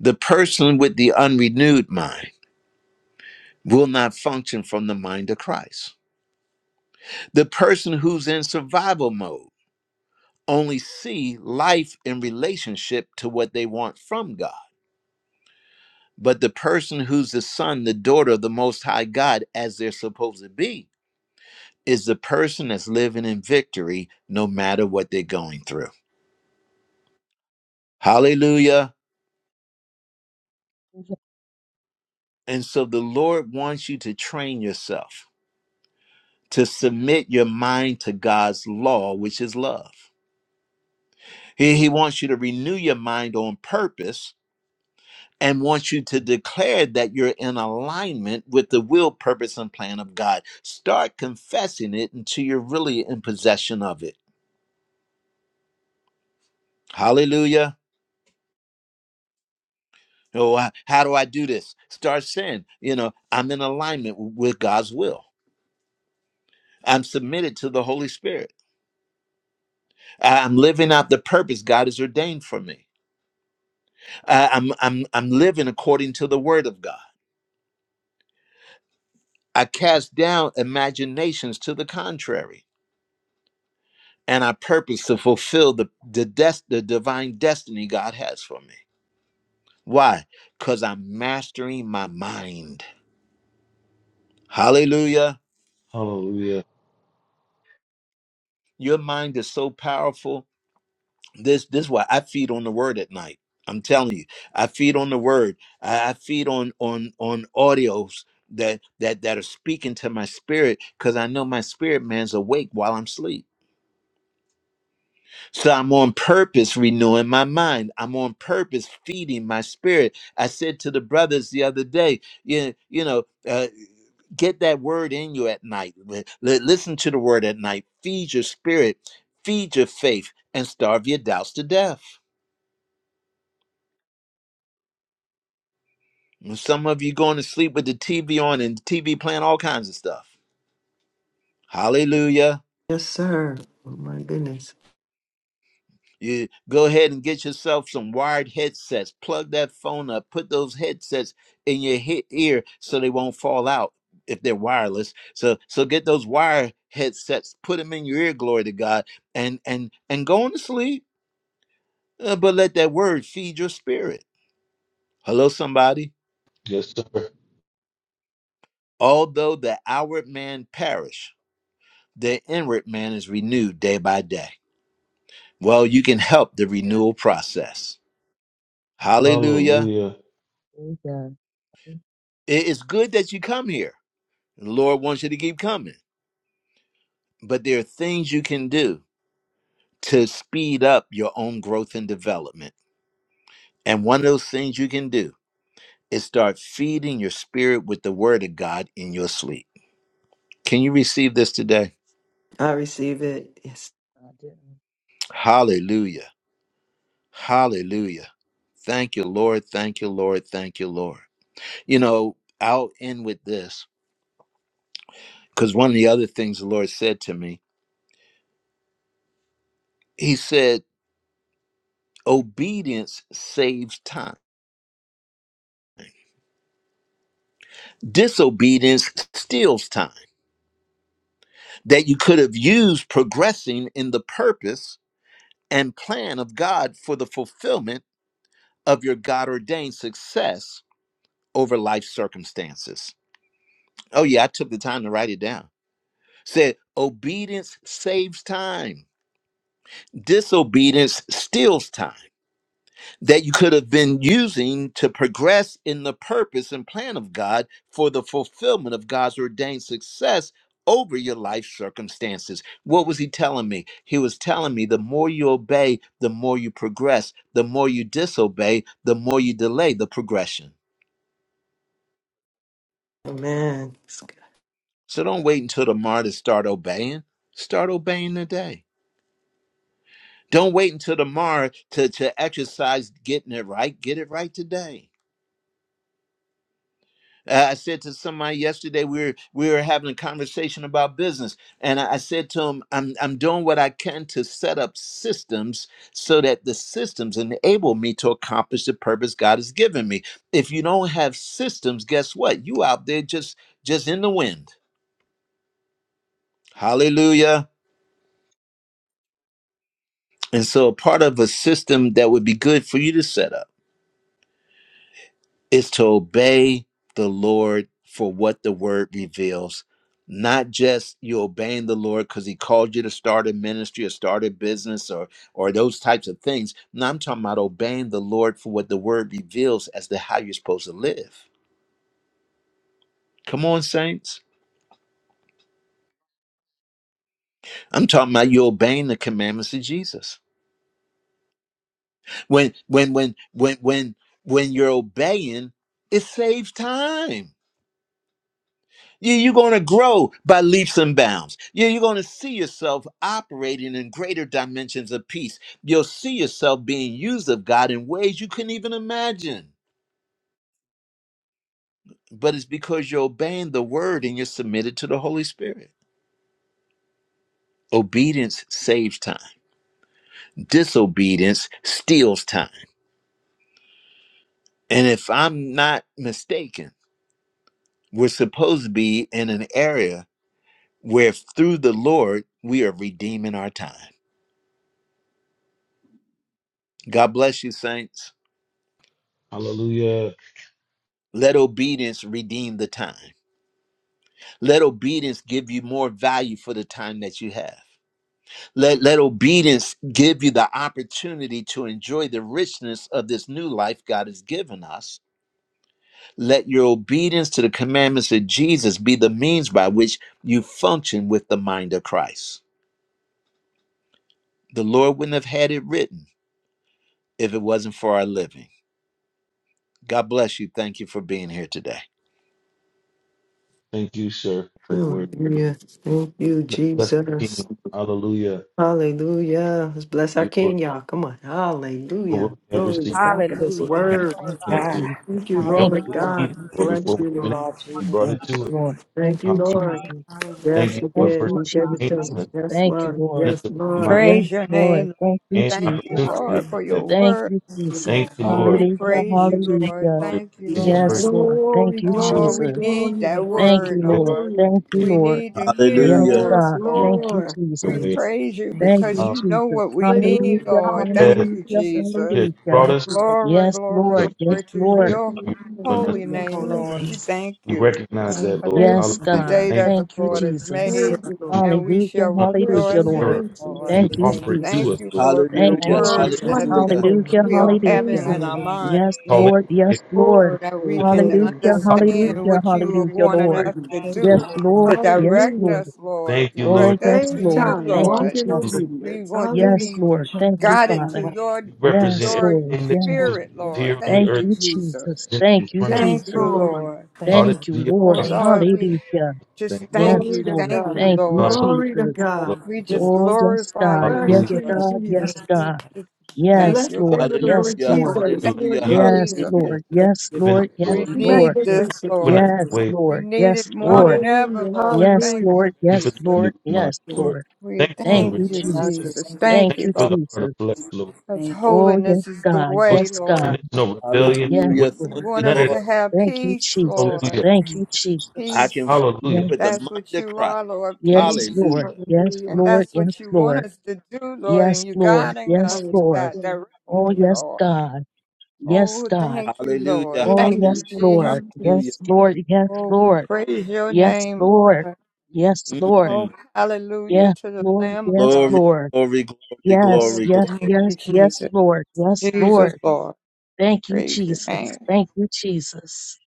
The person with the unrenewed mind will not function from the mind of Christ. The person who's in survival mode only see life in relationship to what they want from God. But the person who's the son, the daughter of the most high God as they're supposed to be is the person that's living in victory no matter what they're going through. Hallelujah. And so the Lord wants you to train yourself to submit your mind to God's law, which is love. He, he wants you to renew your mind on purpose and wants you to declare that you're in alignment with the will, purpose, and plan of God. Start confessing it until you're really in possession of it. Hallelujah. Oh, how do I do this? Start saying, you know, I'm in alignment with God's will. I'm submitted to the Holy Spirit. I- am living out the purpose God has ordained for me. I- I'm, I'm, I'm living according to the word of God. I cast down imaginations to the contrary. and I purpose to fulfill the the, des- the divine destiny God has for me. Why? Because I'm mastering my mind. Hallelujah. Hallelujah. Your mind is so powerful. This this is why I feed on the word at night. I'm telling you, I feed on the word. I, I feed on on on audios that that that are speaking to my spirit because I know my spirit man's awake while I'm asleep. So I'm on purpose renewing my mind. I'm on purpose feeding my spirit. I said to the brothers the other day, you, you know, uh, get that word in you at night. Li- li- Listen to the word at night. Feed your spirit, feed your faith, and starve your doubts to death. And Some of you going to sleep with the TV on and TV playing all kinds of stuff. Hallelujah. Yes, sir. Oh my goodness. You go ahead and get yourself some wired headsets. Plug that phone up. Put those headsets in your he- ear so they won't fall out if they're wireless. So so get those wire headsets. Put them in your ear. Glory to God. And and and go on to sleep. Uh, but let that word feed your spirit. Hello, somebody. Yes, sir. Although the outward man perish, the inward man is renewed day by day. Well, you can help the Yeah. renewal Yes, process. Hallelujah. Hallelujah. It is good that you come here The Lord wants you to keep coming. But there are things you can do to speed up your own growth and development. And one of those things you can do is start feeding your spirit with the word of God in your sleep. Can you receive this today? I receive it. Yes. Hallelujah. Hallelujah. Thank you, Lord. Thank you, Lord. Thank you, Lord. You know, I'll end with this because one of the other things the Lord said to me, He said, obedience saves time, disobedience steals time. that you could have used progressing in the purpose and plan of God for the fulfillment of your God ordained success over life circumstances. Oh, yeah, I took the time to write it down. Said, obedience saves time, disobedience steals time. that you could have been using to progress in the purpose and plan of God for the fulfillment of God's ordained success over your life circumstances. What was he telling me? He was telling me the more you obey, the more you progress. The more you disobey, the more you delay the progression. Amen. So don't wait until tomorrow to start obeying. Start obeying today. Don't wait until tomorrow to, to exercise getting it right. Get it right today. Uh, I said to somebody yesterday, we were we were having a conversation about business, and I, I said to him, "I'm I'm doing what I can to set up systems so that the systems enable me to accomplish the purpose God has given me. If you don't have systems, guess what? You out there just just in the wind. Hallelujah." And so, a part of a system that would be good for you to set up is to obey the Lord for what the word reveals. Not just you obeying the Lord because he called you to start a ministry or start a business or or those types of things. No, I'm talking about obeying the Lord for what the word reveals as to how you're supposed to live. Come on, saints. I'm talking about you obeying the commandments of Jesus. When when when when when when you're obeying, it saves time. You, you're going to grow by leaps and bounds. You, you're going to see yourself operating in greater dimensions of peace. You'll see yourself being used of God in ways you couldn't even imagine. But it's because you're obeying the word and you're submitted to the Holy Spirit. Obedience saves time, disobedience steals time. And if I'm not mistaken, we're supposed to be in an area where through the Lord, we are redeeming our time. God bless you, saints. Hallelujah. Let obedience redeem the time. Let obedience give you more value for the time that you have. Let, let obedience give you the opportunity to enjoy the richness of this new life God has given us. Let your obedience to the commandments of Jesus be the means by which you function with the mind of Christ. The Lord wouldn't have had it written if it wasn't for our living. God bless you. Thank you for being here today. Thank you, sir, for the word. Hallelujah. Thank you, Bless the Jesus. King. Hallelujah. Hallelujah. Let's Thank bless our you, Lord, King, y'all. Come on. for what Hallelujah. we have Glory to received, God Hallelujah, for this hallelujah, Lord. hallelujah. Hallelujah. to Thank you you, word. Lord Praise Thank for you, bringing us God. God. here. Jesus. Thank you, You know Thank what Lord you, Hallelujah. Thank God. we you, needed, God. We Lord, Jesus. Bless before we you, Thank you, even asked. Lord. Lord You brought Jesus. Yes, it to us. Lord. Thank Thank you, you, Hallelujah. Jesus. Lord. Thank you for your Hallelujah. Thank Yes, you, we Lord, wisdom, Thank for did. you, We Lord gave God. it changing to Thank Jesus. us, us. Yes, Thank you, you, Lord. giving Lord. us Praise Yes, the right God. mind Lord. Yes, Praise your name. Lord. Lord. Thank We you, and thank Jesus. you, opportunity to Lord, Hallelujah. have for that mind. your Thank word. you, Thank you, Jesus. Thank Lord. you, Oh, Lord. we Thank you. Hallelujah. praise you, Thank you, Thank you, Lord. Lord, Hallelujah. for Lord, for your Thank grace you, and teaching your Yes, mercy. us. Lord. Lord. Glory, Thank you, Oh, Giving us Lord, Hallelujah. glory, we Jesus. need glory, that Thank you, glory, Thank so you, word, that way Lord. Lord. glory. Thank Lord. you, we We can Lord. need to hear Thank walk you. the Yes, Hallelujah. word, Yes, God. in Lord. it. Thank you, Lord. Jesus. your We Praise way. God. praise you Thank Thank you, because Lord. you, Um, you know Jesus. what we need, Hallelujah. Hallelujah, Lord. Thank yes, Hallelujah. you, hallelujah, Jesus. Jesus. yeah, you hallelujah. brought Thank us you, Lord. Glory, Yes, glory, so you Lord. Yes, can glory to turn us into Thank Lord. your who you're you. Lord. Glory calling us. holy Thank to your you, name, holy Jesus. Lord. name. We Yes, thank We you. recognize Thank that, For Lord. this is Thank you, yes, the Father. Hallelujah. day God. Thank that the Thank you, you, Lord Lord. has you, thank you, Jesus. Thank made, Lord. you, Lord. That's how much you love us. and we Hallelujah, You don't shall want to leave us Bless hallelujah, your rejoice in in Lord. error. it, name, Jesus. Lord. You Thank Hallelujah. you, offer Thank it you, Jesus. to us, Thank you, Lord. Jesus. Lord, for the Thank you, You Hallelujah. Thank are you, words Jesus. Lord. that Hallelujah. Thank you. wonderful. Hallelujah, You we are are having hallelujah. in our amazing. Hallelujah. Yes, minds Call now, it. Lord. it Yes, Oh, Lord. so that we glory, good. can glory. Hallelujah, Hallelujah. understand hallelujah, what you are Walk hallelujah, in wanting Lord. us Hallelujah. to obedience. Hallelujah, Praise your Yes, Lord. do, holy name. to Lord. Yes, direct Hallelujah. Lord. us, Lord. Thank you, Oh, Lord. Direct us Thank You yes, to Thank Save you you, Lord. time. for Thank Lord. you, Walk in teaching Jesus. Lord. us, We obedience. want to Yes, be Hallelujah. Lord. showing Thank us you, the thank you. guided right to Father. way. your You to Yes, represent your Lord. everything that you Yeah. have Thank spirit, lived you. Lord. here on Thank the Thank earth you, you, Jesus. Jesus. in Thank you, front of us, Yes, Thank you, Jesus. Lord. Lord. Lord. Taught Thank you, it Thank to you, the Lord. Oh Lord. apostles. Thank you. Lord, we Hallelujah. just Same Yes, thing. thank Glory you. Thank to Lord. Thank you. you, God. Thank you, Lord. Thank Hallelujah. you, Glory to Jesus. Lord. Thank God. We you, Hallelujah. just Jesus. Oh, yes, glorify God. you, Yes, Thank Bless Hallelujah. you, you, Lord. Lord. God. Thank Jesus. Yes, you, We God. Lord. just Thank you. Yes, thank Bless your the Lord. name of the Yes, spirit, Lord Hallelujah, (laughs) Thank Lord. Lord. you, Lord. We're Jesus. allowing Thank You are hallelujah, you, you to Yes, good. Thank you. Jesus. hallelujah, Lord. Thank Yes, you, Lord. living up, Lord. Yes, We Lord. Thank you. Lord. need Yes. this, Magnificent Moving out Thank Lord. of Lord. you, Lord. the Yes, way. We Lord. need it Yes, more Moving. Lord. than ever, Hallelujah, Lord. Yes, Thank hallelujah, you, Lord. Thank you for Yes, the Jesus. renewed Lord. Thank mind, Yes, you, Lord. Lord. Lord. We Thank you for Thank the Thank you thank renewed for you, you, your mind. mercy. Jesus. Jesus. Thank you for Thank Thank Thank your you, you you, for Lord. the heart of flesh, Jesus. blessings. Lord. Because Thank you. Oh, yes, holiness is the God. No Yes, way, Lord. God. stubbornness, no Yes, rebellion, Yes, no hallelujah. wit- You Thank Lord. Thank you. you, want none us of Lord. to that. have Thank you, peace, Jesus. Hallelujah. Lord. Thank you, Thank you. I Jesus. Peace. can function Hallelujah. with the Yes, mind That's what of you Christ. are, Lord. hallelujah, yes, Peace. Lord. Hallelujah, Yes, hallelujah, And Lord. that's Yes, what you want Lord. us to do, Lord. And Yes, you're Lord. guiding Yes, us to Lord. that hallelujah, Oh, direction, hallelujah. yes, Lord. God. Yes, Oh, God. thank you, hallelujah, Lord. Thank Oh, Thank hallelujah, you, yes, you for Jesus. Lord. hallelujah. Yes, beauties. Lord. Yes, Oh, we Lord. praise your Yes, name, Lord. Lord. Yes, Lord. Mm, Oh, hallelujah Yes, to the Lord. Lamb of Yes, God. glory, Lord. glory, glory, Yes, Oh, glory, yes, thank glory. you, yes, yes, Jesus. Lord. Yes, Jesus, Lord. Lord. Thank you, Praise your Jesus. name. Thank you, Jesus.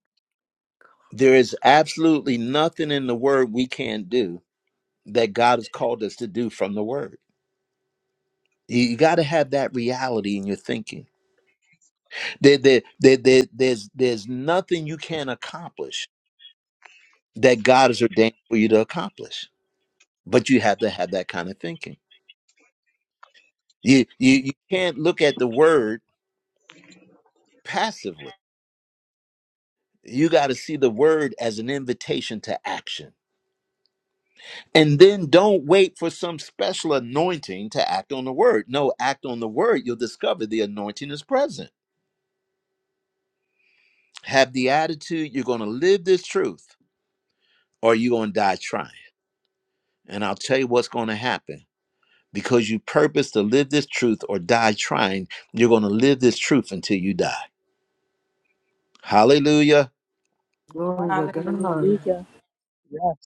There is absolutely nothing in the word we can't do that God has called us to do from the word. You, you got to have that reality in your thinking. There, there, there, there, there's, there's nothing you can't accomplish that God has ordained for you to accomplish But you have to have that kind of thinking. You you, you can't look at the word passively. You got to see the word as an invitation to action. And then don't wait for some special anointing to act on the word. No, act on the word. You'll discover the anointing is present. Have the attitude you're going to live this truth or you're going to die trying. And I'll tell you what's going to happen. Because you purpose to live this truth or die trying, you're going to live this truth until you die. Hallelujah. Glory to God. Hallelujah. Hallelujah. Yes.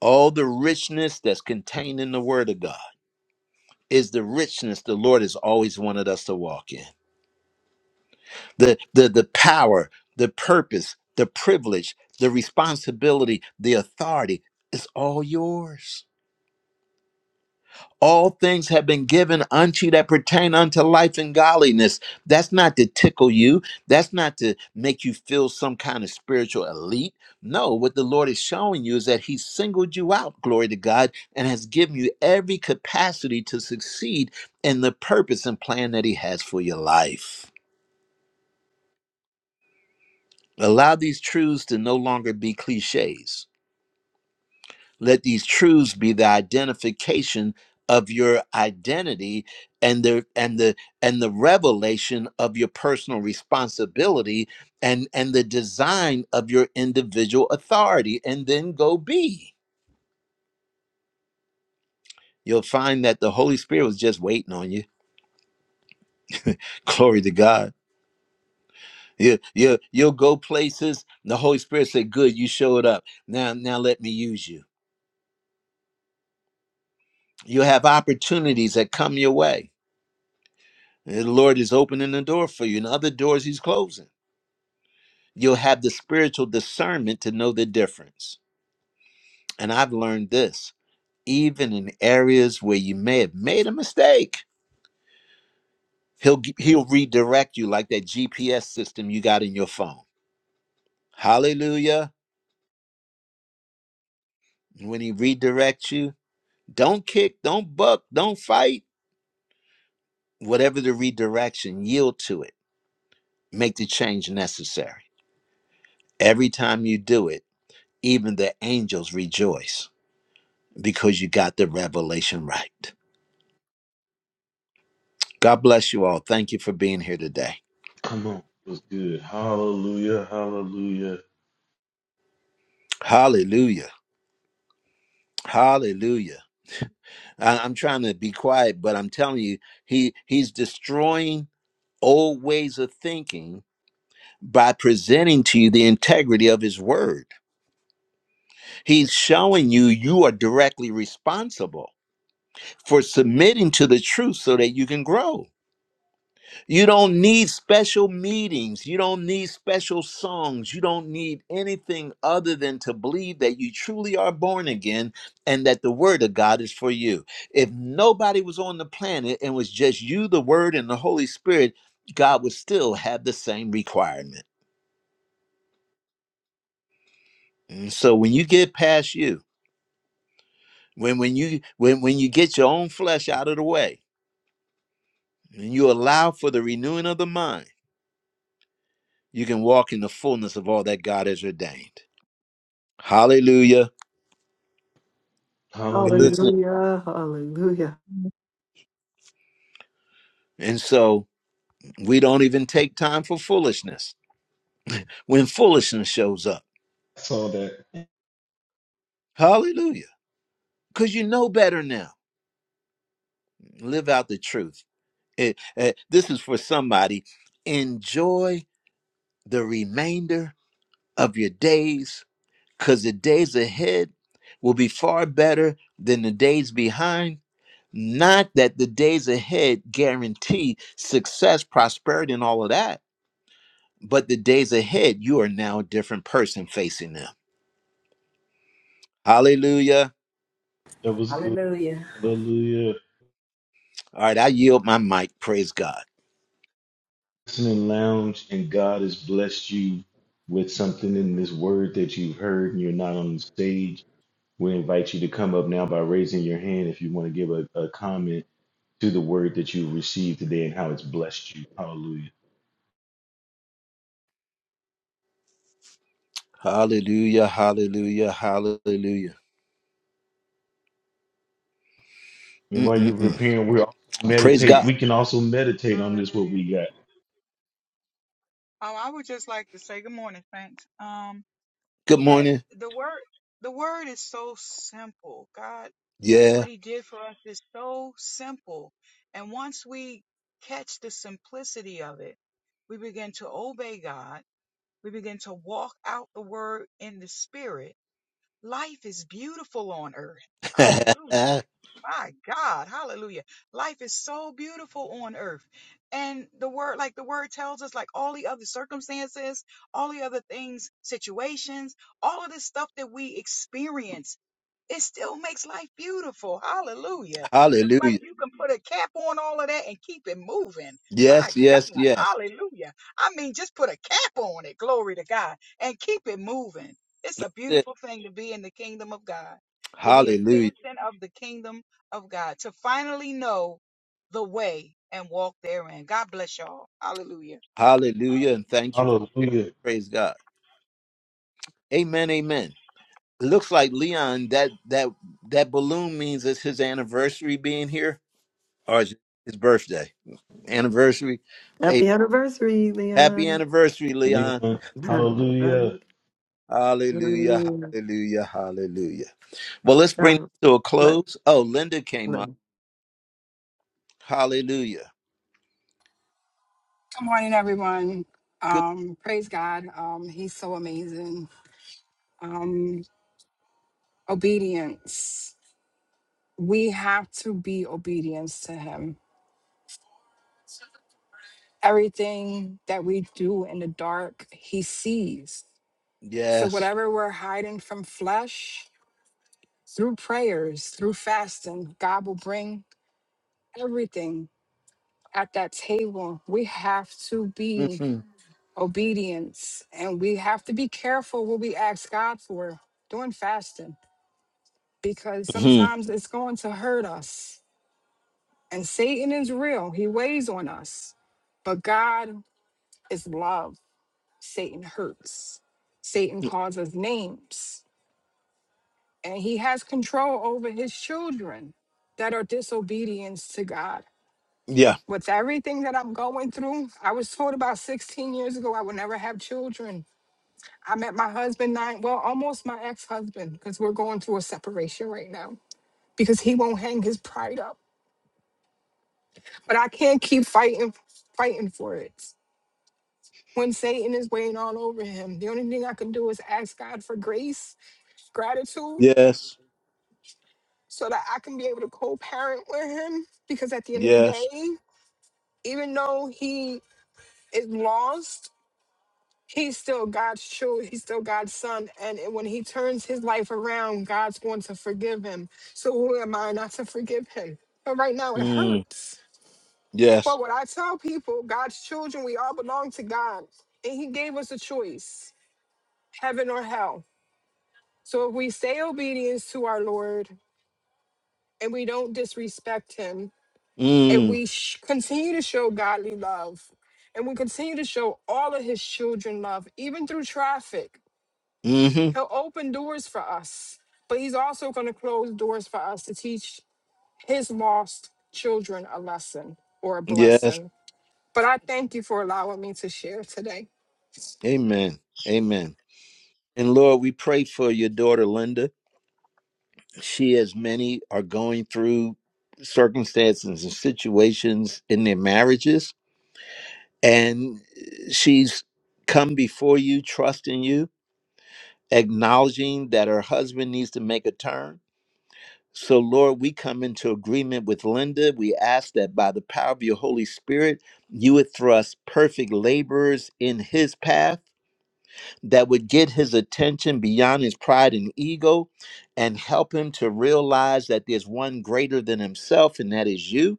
all the richness that's contained in the word of god is the richness the lord has always wanted us to walk in the the the power the purpose the privilege the responsibility the authority is all yours all things have been given unto you that pertain unto life and godliness. That's not to tickle you. That's not to make you feel some kind of spiritual elite. No, what the Lord is showing you is that He singled you out, glory to God, and has given you every capacity to succeed in the purpose and plan that He has for your life. Allow these truths to no longer be cliches. Let these truths be the identification of your identity and the and the and the revelation of your personal responsibility and and the design of your individual authority and then go be. You'll find that the Holy Spirit was just waiting on you. (laughs) Glory to God. You, you, you'll go places. And the Holy Spirit said, "Good, you showed up. Now, now let me use you." You'll have opportunities that come your way The Lord is opening the door for you, and other doors He's closing. You'll have the spiritual discernment to know the difference. And I've learned this even in areas where you may have made a mistake, He'll, g- he'll redirect you like that GPS system you got in your phone. Hallelujah. When He redirects you, don't kick, don't buck, don't fight. Whatever the redirection, yield to it. Make the change necessary. Every time you do it, even the angels rejoice. because you got the revelation right. God bless you all. Thank you for being here today. Come on. It was good. Hallelujah. Hallelujah. Hallelujah. Hallelujah. I- I'm trying to be quiet, but I'm telling you, he he's destroying old ways of thinking by presenting to you the integrity of his word. He's showing you you are directly responsible for submitting to the truth so that you can grow. You don't need special meetings. You don't need special songs. You don't need anything other than to believe that you truly are born again and that the Word of God is for you. If nobody was on the planet and was just you, the Word, and the Holy Spirit, God would still have the same requirement. And so when you get past you, when when you when when you get your own flesh out of the way and you allow for the renewing of the mind, you can walk in the fullness of all that God has ordained. Hallelujah. Hey, Hallelujah. Listen. Hallelujah, hallelujah. And so we don't even take time for foolishness when foolishness shows up. I saw that. Hallelujah. Because you know better now. Live out the truth. Eh, eh, this is for somebody. Enjoy the remainder of your days because the days ahead will be far better than the days behind. Not that the days ahead guarantee success, prosperity, and all of that, but the days ahead, you are now a different person facing them. Hallelujah. That was good. Hallelujah. Hallelujah. All right, I yield my mic. Praise God. Listening lounge, and God has blessed you with something in this word that you've heard, and you're not on the stage We invite you to come up now by raising your hand if you want to give a, a comment to the word that you received today and how it's blessed you. Hallelujah. Hallelujah, hallelujah, hallelujah. And while you're Mm-mm-mm. preparing, we also Praise meditate. God. We can also meditate on this what Hallelujah. we got. Um, I would just like to say good morning, thanks. Um, Good that morning. the word, the word is so simple. God, Yeah. what He did for us is so simple, and once we catch the simplicity of it, we begin to obey God We begin to walk out the word in the spirit. Life is beautiful on earth. (laughs) Hallelujah. hallelujah. My God. Hallelujah. Life is so beautiful on earth. And the word, like the word tells us, like all the other circumstances, all the other things, situations, all of this stuff that we experience it still makes life beautiful. Hallelujah. It's like you can put a cap on all of that and keep it moving. My Yes, yes, God. yes. Hallelujah. I mean, just put a cap on it. Glory to God. And keep it moving. It's That's a it. beautiful thing to be in the kingdom of God, to be a Hallelujah. citizen of the kingdom of God, to finally know the way and walk therein. God bless y'all. Hallelujah. Hallelujah. And thank you for sharing. Hallelujah. Praise God. Amen, amen. It looks like Leon, that that that balloon means it's his anniversary being here or is it his birthday? Anniversary. A Happy anniversary, happy Leon. anniversary, Leon. Amen. (laughs) Hallelujah. hallelujah. Hallelujah, hallelujah, hallelujah. Well, let's bring this Um, to a let- close. Oh, Linda came let- up. Hallelujah. Good morning, everyone. Good. Um, praise God. Um, he's so amazing. Um, obedience. We have to be obedience to him. Everything that we do in the dark, he sees. So Yes. whatever we're hiding from flesh, through prayers, through fasting, God will bring everything at that table. We have to be hmm obedience and we have to be careful what we ask God for during fasting because hmm sometimes it's going to hurt us. And Satan is real, he weighs on us. But God is love. Satan hurts. Satan calls us names. And he has control over his children that are disobedience to God. Yeah. With everything that I'm going through, I was told about 16 years ago I would never have children. I met my husband nine, well, almost my ex husband, because we're going through a separation right now, because he won't hang his pride up. But I can't keep fighting fighting for it. When Satan is weighing all over him, the only thing I can do is ask God for grace, gratitude, Yes. so that I can be able to co-parent with him. Because at the end of the Yes. day, even though he is lost, he's still God's child. He's still God's son. And it- when he turns his life around, God's going to forgive him. So who am I not to forgive him? But right now it Mm. hurts But Yes. what I tell people, God's children, we all belong to God. And He gave us a choice heaven or hell. So if we stay obedience to our Lord and we don't disrespect Him, and Mm. we sh- continue to show godly love, and we continue to show all of His children love, even through traffic, hmm He'll open doors for us. But He's also going to close doors for us to teach His lost children a lesson or a Yes. blessing. But I thank you for allowing me to share today. Amen. Amen. And Lord, we pray for your daughter, Linda. She, as many, are going through circumstances and situations in their marriages. And she's come before you, trusting you acknowledging that her husband needs to make a turn. So, Lord, we come into agreement with Linda. We ask that by the power of your Holy Spirit, you would thrust perfect laborers in his path that would get his attention beyond his pride and ego and help him to realize that there's one greater than himself, and that is you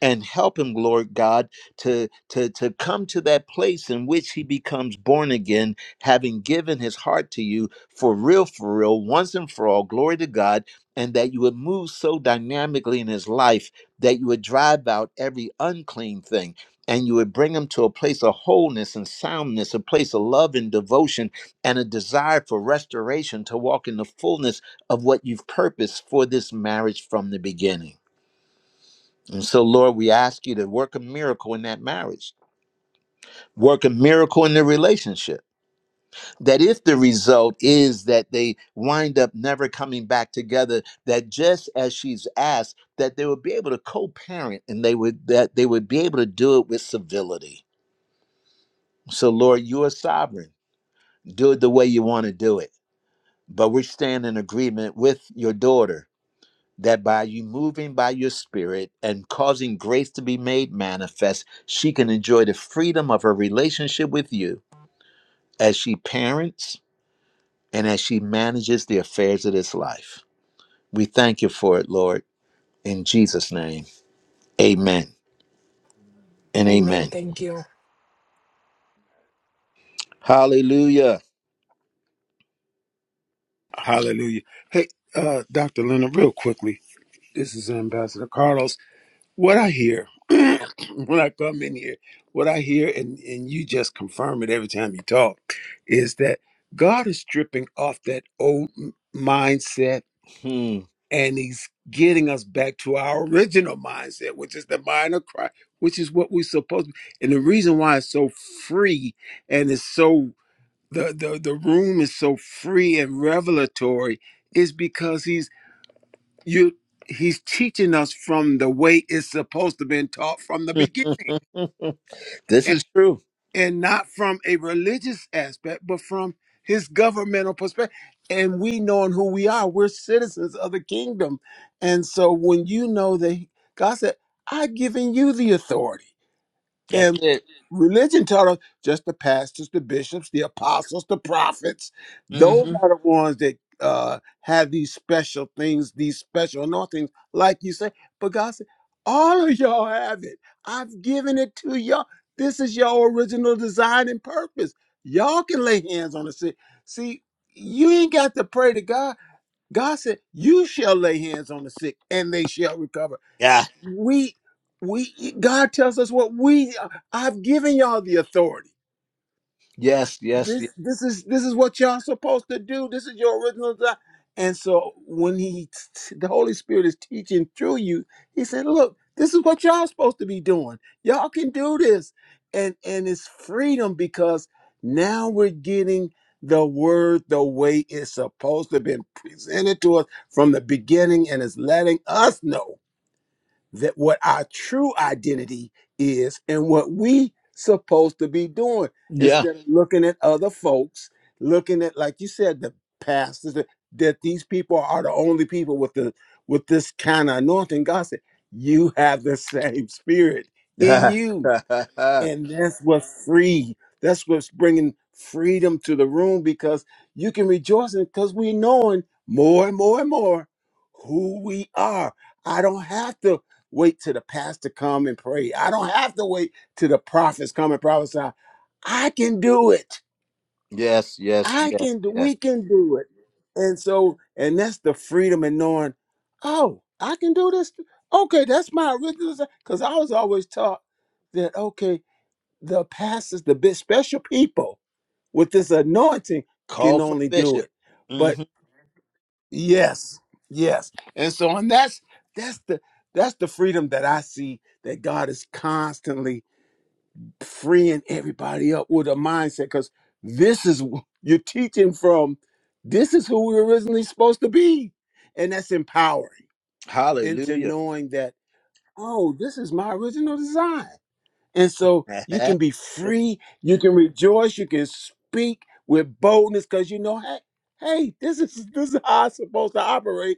and help him lord god to to to come to that place in which he becomes born again having given his heart to you for real for real once and for all glory to god and that you would move so dynamically in his life that you would drive out every unclean thing and you would bring him to a place of wholeness and soundness a place of love and devotion and a desire for restoration to walk in the fullness of what you've purposed for this marriage from the beginning and so, Lord, we ask you to work a miracle in that marriage, work a miracle in the relationship. That if the result is that they wind up never coming back together, that just as she's asked, that they would be able to co-parent and they would that they would be able to do it with civility. So, Lord, you are sovereign. Do it the way you want to do it. But we stand in agreement with your daughter that by you moving by your spirit and causing grace to be made manifest, she can enjoy the freedom of her relationship with you as she parents and as she manages the affairs of this life. We thank you for it, Lord. In Jesus' name, amen and Amen. amen. Thank you. Hallelujah. Hallelujah. Hey, uh, Dr. Leonard, real quickly, this is Ambassador Carlos. What I hear (clears throat) when I come in here, what I hear, and, and you just confirm it every time you talk, is that God is stripping off that old m- mindset Hmm. and He's getting us back to our original mindset, which is the mind of Christ, which is what we're supposed to be. And the reason why it's so free and it's so the, the the room is so free and revelatory is because he's you he's teaching us from the way it's supposed to been taught from (laughs) the beginning this and, is true. and not from a religious aspect but from his governmental perspective and we knowing who we are we're citizens of the kingdom and so when you know that god said i've given you the authority That's it. Religion taught us just the pastors, the bishops, the apostles, the prophets. Those hmm are the ones that uh, have these special things, these special anointings, like you say. But God said, all of y'all have it. I've given it to y'all. This is y'all original design and purpose. Y'all can lay hands on the sick. See, you ain't got to pray to God. God said, You shall lay hands on the sick and they shall recover Yeah. we we god tells us what we i've given y'all the authority Yes, yes, this yes. this is this is what y'all supposed to do this is your original design and so when he the holy spirit is teaching through you he said look this is what y'all supposed to be doing y'all can do this and and it's freedom because now we're getting the word the way it's supposed to have been presented to us from the beginning and it's letting us know that what our true identity is and what we supposed to be doing Yeah. instead of looking at other folks looking at like you said the pastors that, that these people are the only people with the with this kind of anointing god said you have the same spirit in you (laughs) and that's what free. That's what's bringing freedom to the room because you can rejoice in because we knowing more and more and more who we are. I don't have to wait till the pastor come and pray. I don't have to wait till the prophets come and prophesy. I can do it. yes, yes, yes, I can. do- yes. We can do it. And so, and that's the freedom in knowing, oh, I can do this. Okay, that's my original because I was always taught that. Okay, the pastors, the big special people with this anointing Call can for the only do bishop. it. But hmm yes, yes. And so and that's that's the that's the freedom that I see that God is constantly freeing everybody up with a mindset because this is wh- you're teaching from this is who we were originally supposed to be. And that's empowering into Hallelujah. knowing that, oh, this is my original design. And so (laughs) you can be free, you can rejoice, you can speak with boldness because you know, hey, hey, this is this is how I'm supposed to operate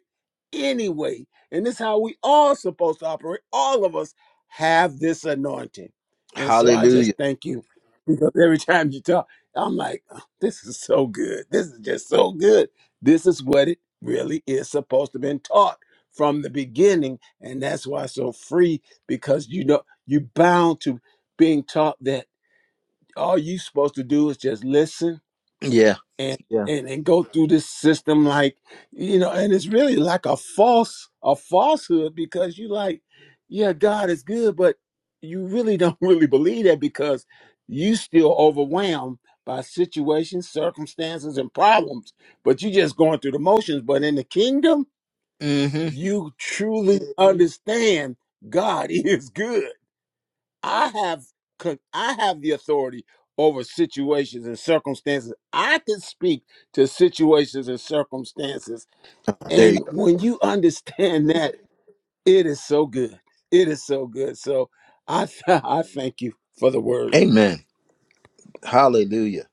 anyway. And this is how we all supposed to operate. All of us have this anointing. And so I just Hallelujah. thank you because every (laughs) time you talk, I'm like, "Oh, this is so good. This is just so good. This is what it really is supposed to been taught from the beginning. And that's why it's so free because you know you're bound to being taught that all you supposed to do is just listen Yeah. and Yeah. and, and go through this system like you know and it's really like a false a falsehood because you like yeah god is good but you really don't (laughs) really believe that because you still overwhelmed by situations circumstances and problems but you just going through the motions but in the kingdom hmm you truly understand god (laughs) is good I have con- I have the authority over situations and circumstances. I can speak to situations and circumstances. There you And go. when you understand that, it is so good. It is so good. So I th- (laughs) I thank you for the word. Amen. Hallelujah.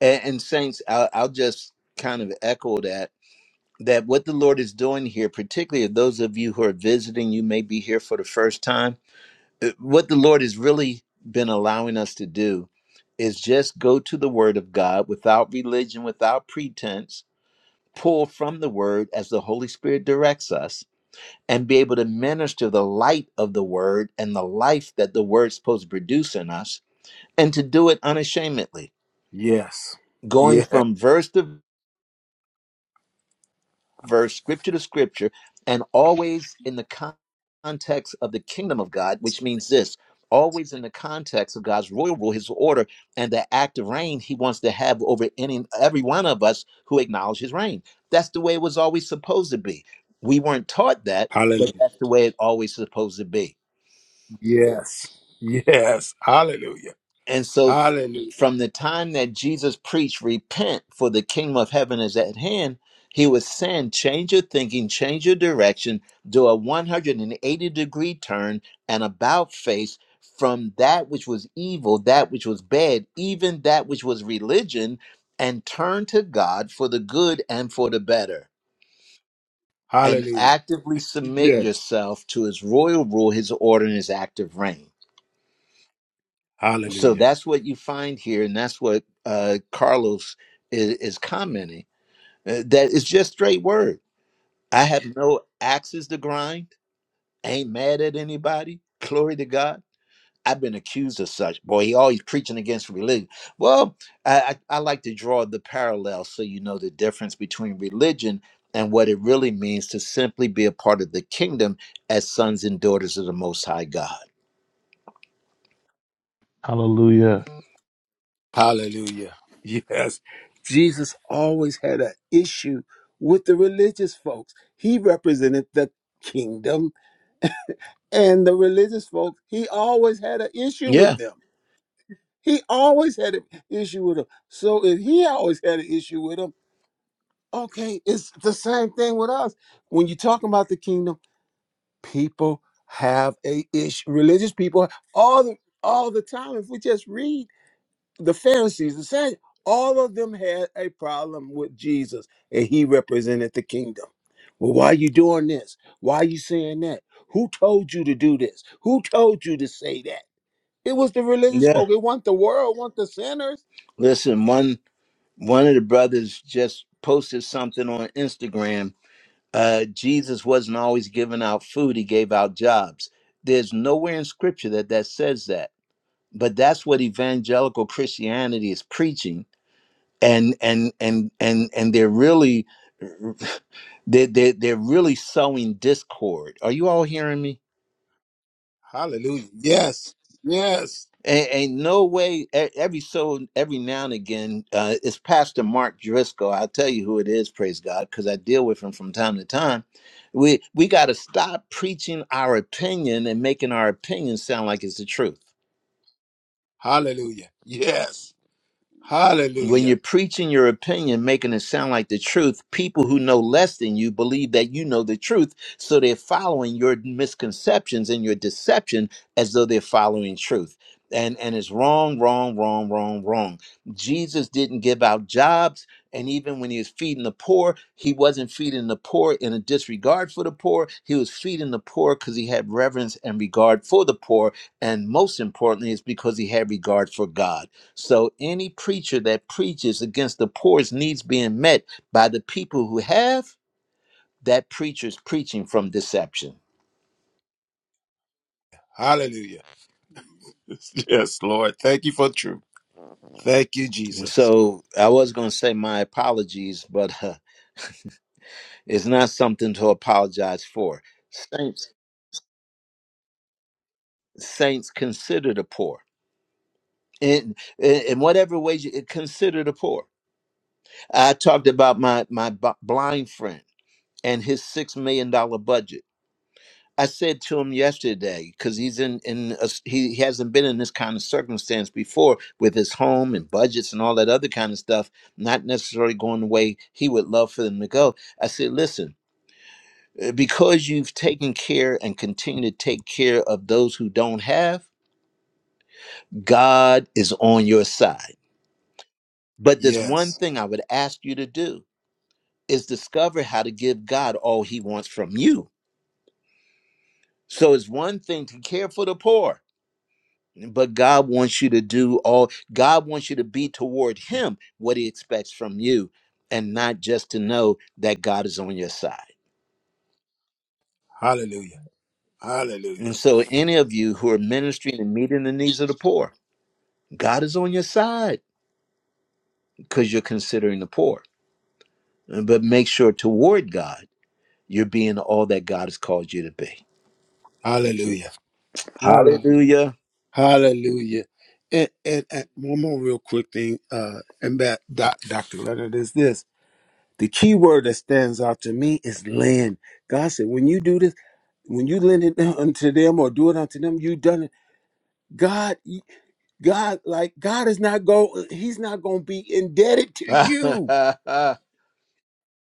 And, and saints, I'll, I'll just kind of echo that that what the Lord is doing here, particularly of those of you who are visiting, you may be here for the first time. uh, What the Lord has really been allowing us to do is just go to the Word of God without religion, without pretense. Pull from the Word as the Holy Spirit directs us and be able to minister the light of the word and the life that the word's supposed to produce in us, and to do it unashamedly, Yes. going Yeah. from verse to verse, scripture to scripture, and always in the con- context of the kingdom of God, which means this always in the context of God's royal rule, his order, and the active reign he wants to have over any every one of us who acknowledge his reign. That's the way it was always supposed to be. We weren't taught that, Hallelujah. but that's the way it always supposed to be. Yes. Yes. Hallelujah. And so, Hallelujah. from the time that Jesus preached, repent for the kingdom of heaven is at hand, he was saying, change your thinking, change your direction, do a 180 degree turn and about face from that which was evil, that which was bad, even that which was religion, and turn to God for the good and for the better. And Hallelujah. actively submit Yes. yourself to his royal rule, his order, and his active reign. So Hallelujah. that's what you find here, and that's what uh, Carlos is, is commenting. Uh, that it's just straight word. I have no axes to grind. Ain't mad at anybody. Glory to God. I've been accused of such. Boy, he always preaching against religion. Well, I, I, I like to draw the parallel so you know the difference between religion and what it really means to simply be a part of the kingdom as sons and daughters of the Most High God. Hallelujah. Hallelujah. Yes. Jesus always had an issue with the religious folks. He represented the kingdom and the religious folks. He always had an issue with Yeah, them. He always had an issue with them. So if he always had an issue with them, okay, it's the same thing with us. When you're talking about the kingdom, people have a issue. Religious people all the all the time. If we just read. the Pharisees, the Sadducees, all of them had a problem with Jesus, and he represented the kingdom. Well, why are you doing this? Why are you saying that? Who told you to do this? Who told you to say that? It was the religious yeah. folk. It wasn't the world, it wasn't the sinners. Listen, one. one of the brothers just posted something on Instagram. Uh, Jesus wasn't always giving out food, he gave out jobs. There's nowhere in scripture that that says that, but that's what evangelical Christianity is preaching. And, and, and, and, and they're really, (laughs) they they're, they're really sowing discord. Are you all hearing me? Hallelujah. Yes. Yes. Ain't, ain't no way. e- Every so every now and again, uh, it's Pastor Mark Driscoll. I'll tell you who it is. Praise God, because I deal with him from time to time. We we got to stop preaching our opinion and making our opinion sound like it's the truth. Hallelujah. Yes. When you're Hallelujah. preaching your opinion, making it sound like the truth, people who know less than you believe that you know the truth. So they're following your misconceptions and your deception as though they're following truth. And, and it's wrong, wrong, wrong, wrong, wrong. Jesus didn't give out jobs. And even when he was feeding the poor, he wasn't feeding the poor in a disregard for the poor. He was feeding the poor because he had reverence and regard for the poor. And most importantly, it's because he had regard for God. So any preacher that preaches against the poor's needs being met by the people who have, that preacher's preaching from deception. Hallelujah. (laughs) Yes, Lord. Thank you for truth. Thank you, Jesus. So I was going to say my apologies, but uh, it's not something to apologize for. Saints, saints consider the poor. In, in in whatever way you consider the poor, I talked about my my b- blind friend and his six million dollar budget. I said to him yesterday because he's in in a s he he hasn't been in this kind of circumstance before with his home and budgets and all that other kind of stuff, not necessarily going the way he would love for them to go. I said, listen, uh, because you've taken care and continue to take care of those who don't have, God is on your side. But there's one Yes. thing I would ask you to do is discover how to give God all He wants from you. So it's one thing to care for the poor but God wants you to do all God wants you to be toward him what he expects from you and not just to know that God is on your side. Hallelujah. Hallelujah. And so any of you who are ministering and meeting the needs of the poor, God is on your side because you're considering the poor. But make sure toward God you're being all that God has called you to be. Hallelujah. Hallelujah. Hallelujah. Hallelujah. And, and, and one more real quick thing, uh, and that doc, Dr. Leonard is this. The key word that stands out to me is lend. God said, when you do this, when you lend it (laughs) unto them or do it unto them, you done it. God, God, like God is not go, He's not gonna be indebted to (laughs) you.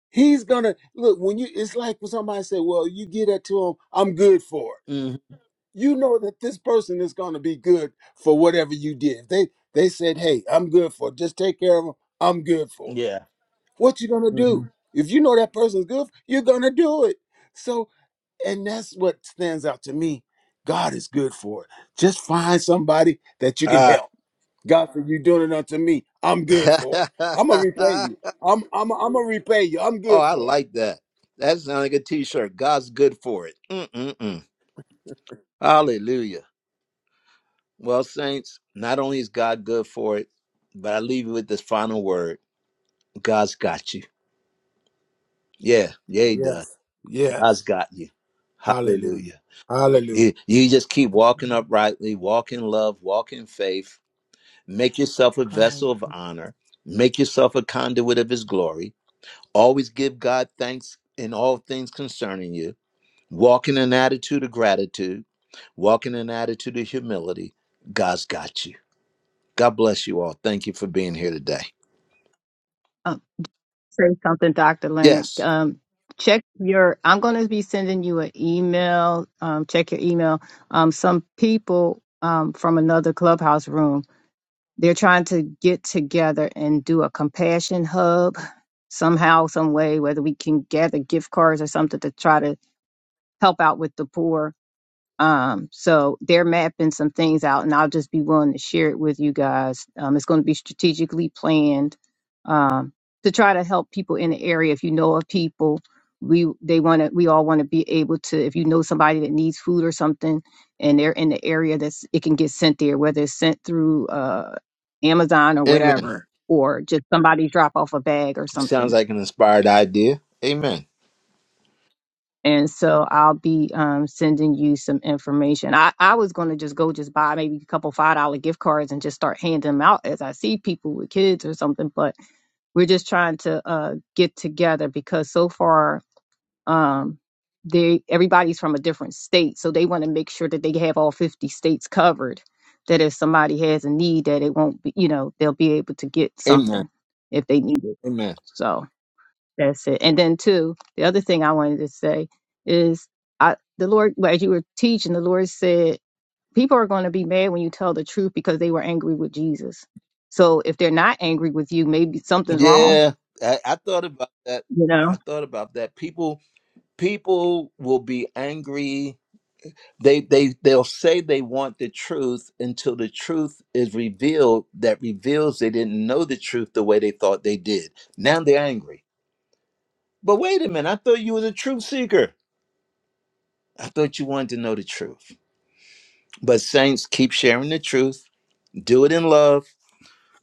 He's gonna look when you it's like when somebody say, Well, you give that to him, I'm good for it. Mhm. you know that this person is going to be good for whatever you did. They they said, "Hey, I'm good for it. Just take care of them. I'm good for it." Yeah. What you going to do? If you know that person's good, you're going to do it. So, and that's what stands out to me. God is good for it. Just find somebody that you can Ah. help. God, for you doing it unto me, I'm good for it. I'm gonna repay (laughs) you. I'm I'm I'm gonna repay you. I'm Oh, good I for it. like that. That sounds like a t-shirt. God's good for it. Mm-mm-mm. Hallelujah. Well, saints, not only is God good for it, but I leave you with this final word. God's got you. Yeah, yeah, he does. Yes. God's Yes. got you. Hallelujah. Hallelujah. Hallelujah. You, (laughs) you just keep walking uprightly, walk in love, walk in faith, make yourself a vessel of honor, make yourself a conduit of his glory. Always give God thanks in all things concerning you Walk in an attitude of gratitude, walk in an attitude of humility. God's got you. God bless you all. Thank you for being here today. um, say something, Dr. Leonard. Yes. Um, check your, I'm going to be sending you an email. Um, check your email. Um, some people um, from another clubhouse room, they're trying to get together and do a compassion hub somehow, some way, whether we can gather gift cards or something to try to help out with the poor um, so they're mapping some things out, and I'll just be willing to share it with you guys. Um, it's going to be strategically planned um, to try to help people in the area. If you know of people, we they want to. We all want to be able to. If you know somebody that needs food or something, and they're in the area, that's it can get sent there, whether it's sent through uh, Amazon or Amen. whatever, or just somebody drop off a bag or Sounds something like an inspired idea. Amen. and so I'll be um, sending you some information. I, I was going to just go just buy maybe a couple five dollar gift cards and just start handing them out as I see people with kids or something. But we're just trying to uh, get together because so far um, they everybody's from a different state, so they want to make sure that they have all fifty states covered. That if somebody has a need, that it won't be you know they'll be able to get Amen. something if they need it. Amen. So. That's it. And then two, the other thing I wanted to say is I the Lord well, as you were teaching, the Lord said people are going to be mad when you tell the truth because they were angry with Jesus. So if they're not angry with you, maybe something's wrong. Yeah. I, I thought about that. you know. I thought about that. People people will be angry. They they they'll say they want the truth until the truth is revealed that reveals they didn't know the truth the way they thought they did. Now they're angry But wait a minute, I thought you was a truth seeker. I thought you wanted to know the truth. But saints, keep sharing the truth. Do it in love.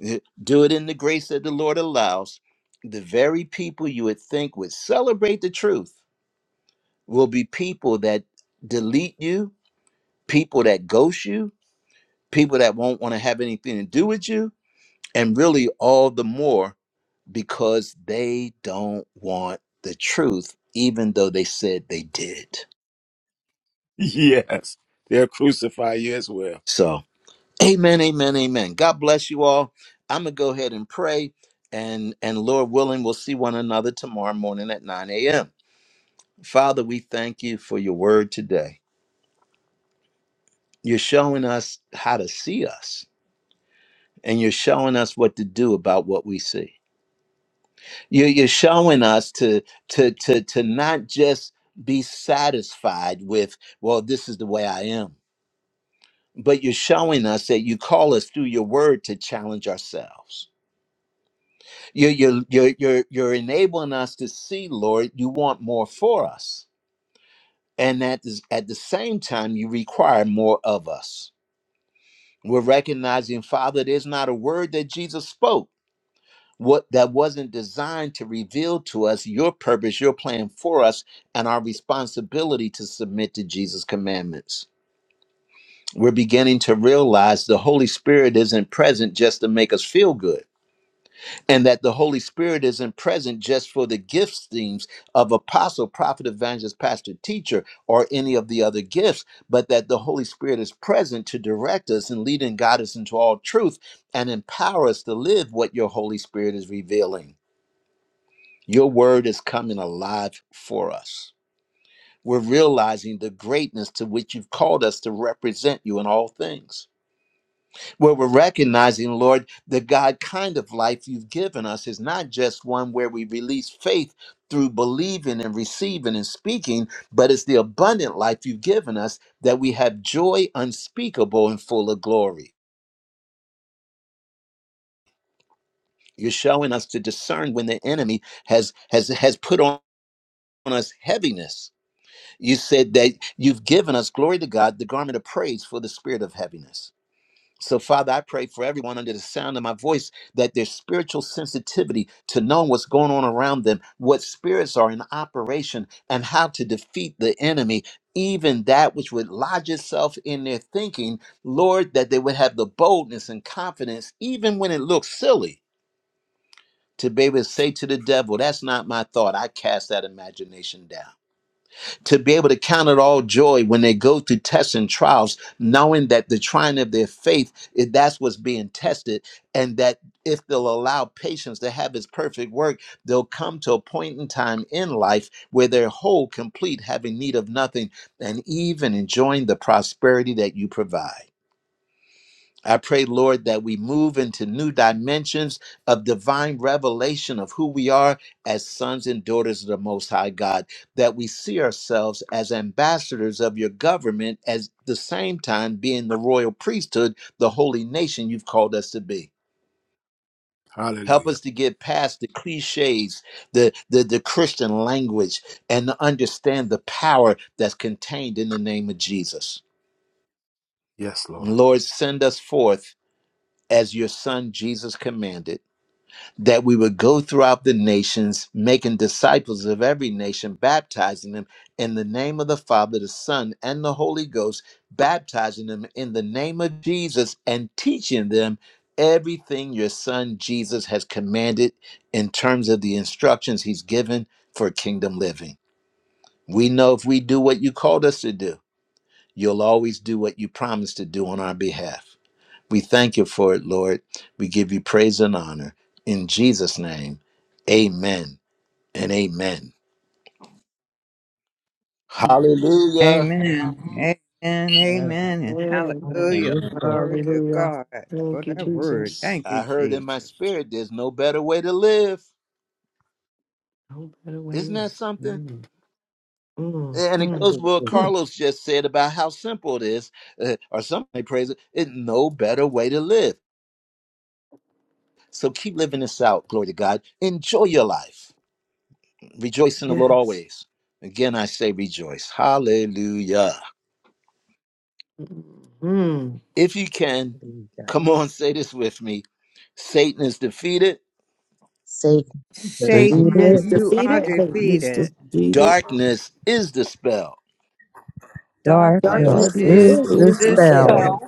eh, Do it in the grace that the Lord allows. The very people you would think would celebrate the truth will be people that delete you, people that ghost you, people that won't want to have anything to do with you, and really all the more because they don't want the truth, even though they said they did. Yes. They'll crucify you as well. So Amen, amen, amen. God bless you all. I'm gonna go ahead and pray, and and Lord willing, we'll see one another tomorrow morning at 9 a.m. Father, we thank you for your word today. You're showing us how to see us, and you're showing us what to do about what we see. You're, you're showing us to to to to not just be satisfied with, well, this is the way I am, but you're showing us that you call us through your word to challenge ourselves You're, you're, you're, you're, you're enabling us to see, Lord, you want more for us. And that is at the same time, you require more of us. We're recognizing, Father, there's not a word that Jesus spoke what that wasn't designed to reveal to us your purpose, your plan for us, and our responsibility to submit to Jesus' commandments. We're beginning to realize the Holy Spirit isn't present just to make us feel good. and that the Holy Spirit isn't present just for the gifts themes of apostle, prophet, evangelist, pastor, teacher, or any of the other gifts, but that the Holy Spirit is present to direct us and lead and guide us into all truth and empower us to live what your Holy Spirit is revealing. Your word is coming alive for us. We're realizing the greatness to which you've called us to represent you in all things where we're recognizing, Lord, the God kind of life you've given us is not just one where we release faith through believing and receiving and speaking, but it's the abundant life you've given us that we have joy unspeakable and full of glory. You're showing us to discern when the enemy has has has put on us heaviness. You said that you've given us glory to God, the garment of praise for the spirit of heaviness So, Father, I pray for everyone under the sound of my voice that their spiritual sensitivity to knowing what's going on around them, what spirits are in operation, and how to defeat the enemy, even that which would lodge itself in their thinking, Lord, that they would have the boldness and confidence, even when it looks silly, to be able to say to the devil, That's not my thought. I cast that imagination down to be able to count it all joy when they go through tests and trials, knowing that the trying of their faith, if that's what's being tested, and that if they'll allow patience to have its perfect work, they'll come to a point in time in life where they're whole, complete, having need of nothing, and even enjoying the prosperity that you provide. I pray, Lord, that we move into new dimensions of divine revelation of who we are as sons and daughters of the Most High God, that we see ourselves as ambassadors of your government, as the same time being the royal priesthood, the holy nation you've called us to be. Help Hallelujah. us to get past the cliches, the, the, the Christian language, and to understand the power that's contained in the name of Jesus. Yes, Lord. Lord, send us forth as your son Jesus commanded that we would go throughout the nations, making disciples of every nation, baptizing them in the name of the Father, the Son, and the Holy Ghost, baptizing them in the name of Jesus, and teaching them everything your Son Jesus has commanded in terms of the instructions he's given for kingdom living. We know if we do what you called us to do, you'll always do what you promised to do on our behalf. We thank you for it, Lord. We give you praise and honor. In Jesus' name, amen and amen. Amen. Hallelujah. Amen. Amen. Amen. Amen. And Amen, amen. hallelujah. Amen. Hallelujah. Glory to Hallelujah. God for Thank you, that word. Jesus. Thank you, I heard in my Jesus. spirit, there's no better way to live. No better way, Isn't Leon. that something? Mm, mm, And it mm, goes with what Hallelujah. mm. Carlos just said about how simple it is, uh, or somebody praise it. It's no better way to live. So keep living this out. Glory to God. Enjoy your life. Rejoice in the Lord Yes. always. Again, I say rejoice. Hallelujah. Mhm. If you can, Hallelujah. come on, say this with me Satan is defeated, Satan Satan Satan, is defeated. Is Lord, the you you are would defeated, Satan is defeated. defeated. darkness is dispelled. God Darkness and Darkness darkness change is Darkness is is this is dispelled dispelled. dispelled. dispelled. Well,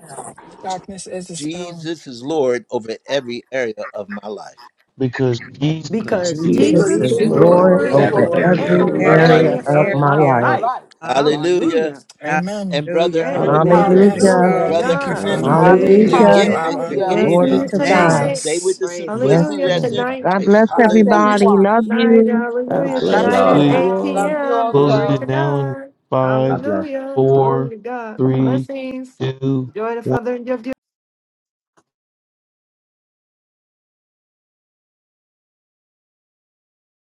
Darkness is dispelled. Jesus is Lord over every area of my life. because Jesus Cause because you is Jesus because Jesus Jesus, the Jesus is is is Jesus Lord is Jesus Lord, Lord Lord of Lord is over every Lord over over Lord every area every over of every area over every of my my area every of area every life. area life. my of of area area my my life. of my life. of life. life. my Hallelujah. Hallelujah. life. Amen. And Brother Hallelujah. Ernest, Hallelujah. Glory Amen. to Yes, Hallelujah. Hallelujah. Glory to Hallelujah. God. Lord. Brother Thank you, God. Amen. Ernest, Thank Father. you, you're Lord. Hallelujah. Thank Hallelujah. Hallelujah. you, Amen. getting it. You're In Abba. Hallelujah. We'll Hallelujah. getting see Jesus' Glory it. you Thank to you, Hallelujah. name. God. tonight. Stay with Jesus. the Praise Yes, God. simplicity Hallelujah. that's Lord. in Tonight. God Hallelujah. Christ. bless Bless Hallelujah. everybody. Hallelujah. everyone. Love Night. you. God Hallelujah. God Love God bless bless. Tonight bless y'all. at Love hallelujah. everyone. you 8 all. Love y'all. you p.m. closing Glory also. to it now in God. five, God bless. Hallelujah. Glory four, to God. three, Blessings. two, Enjoy the one. further of your day.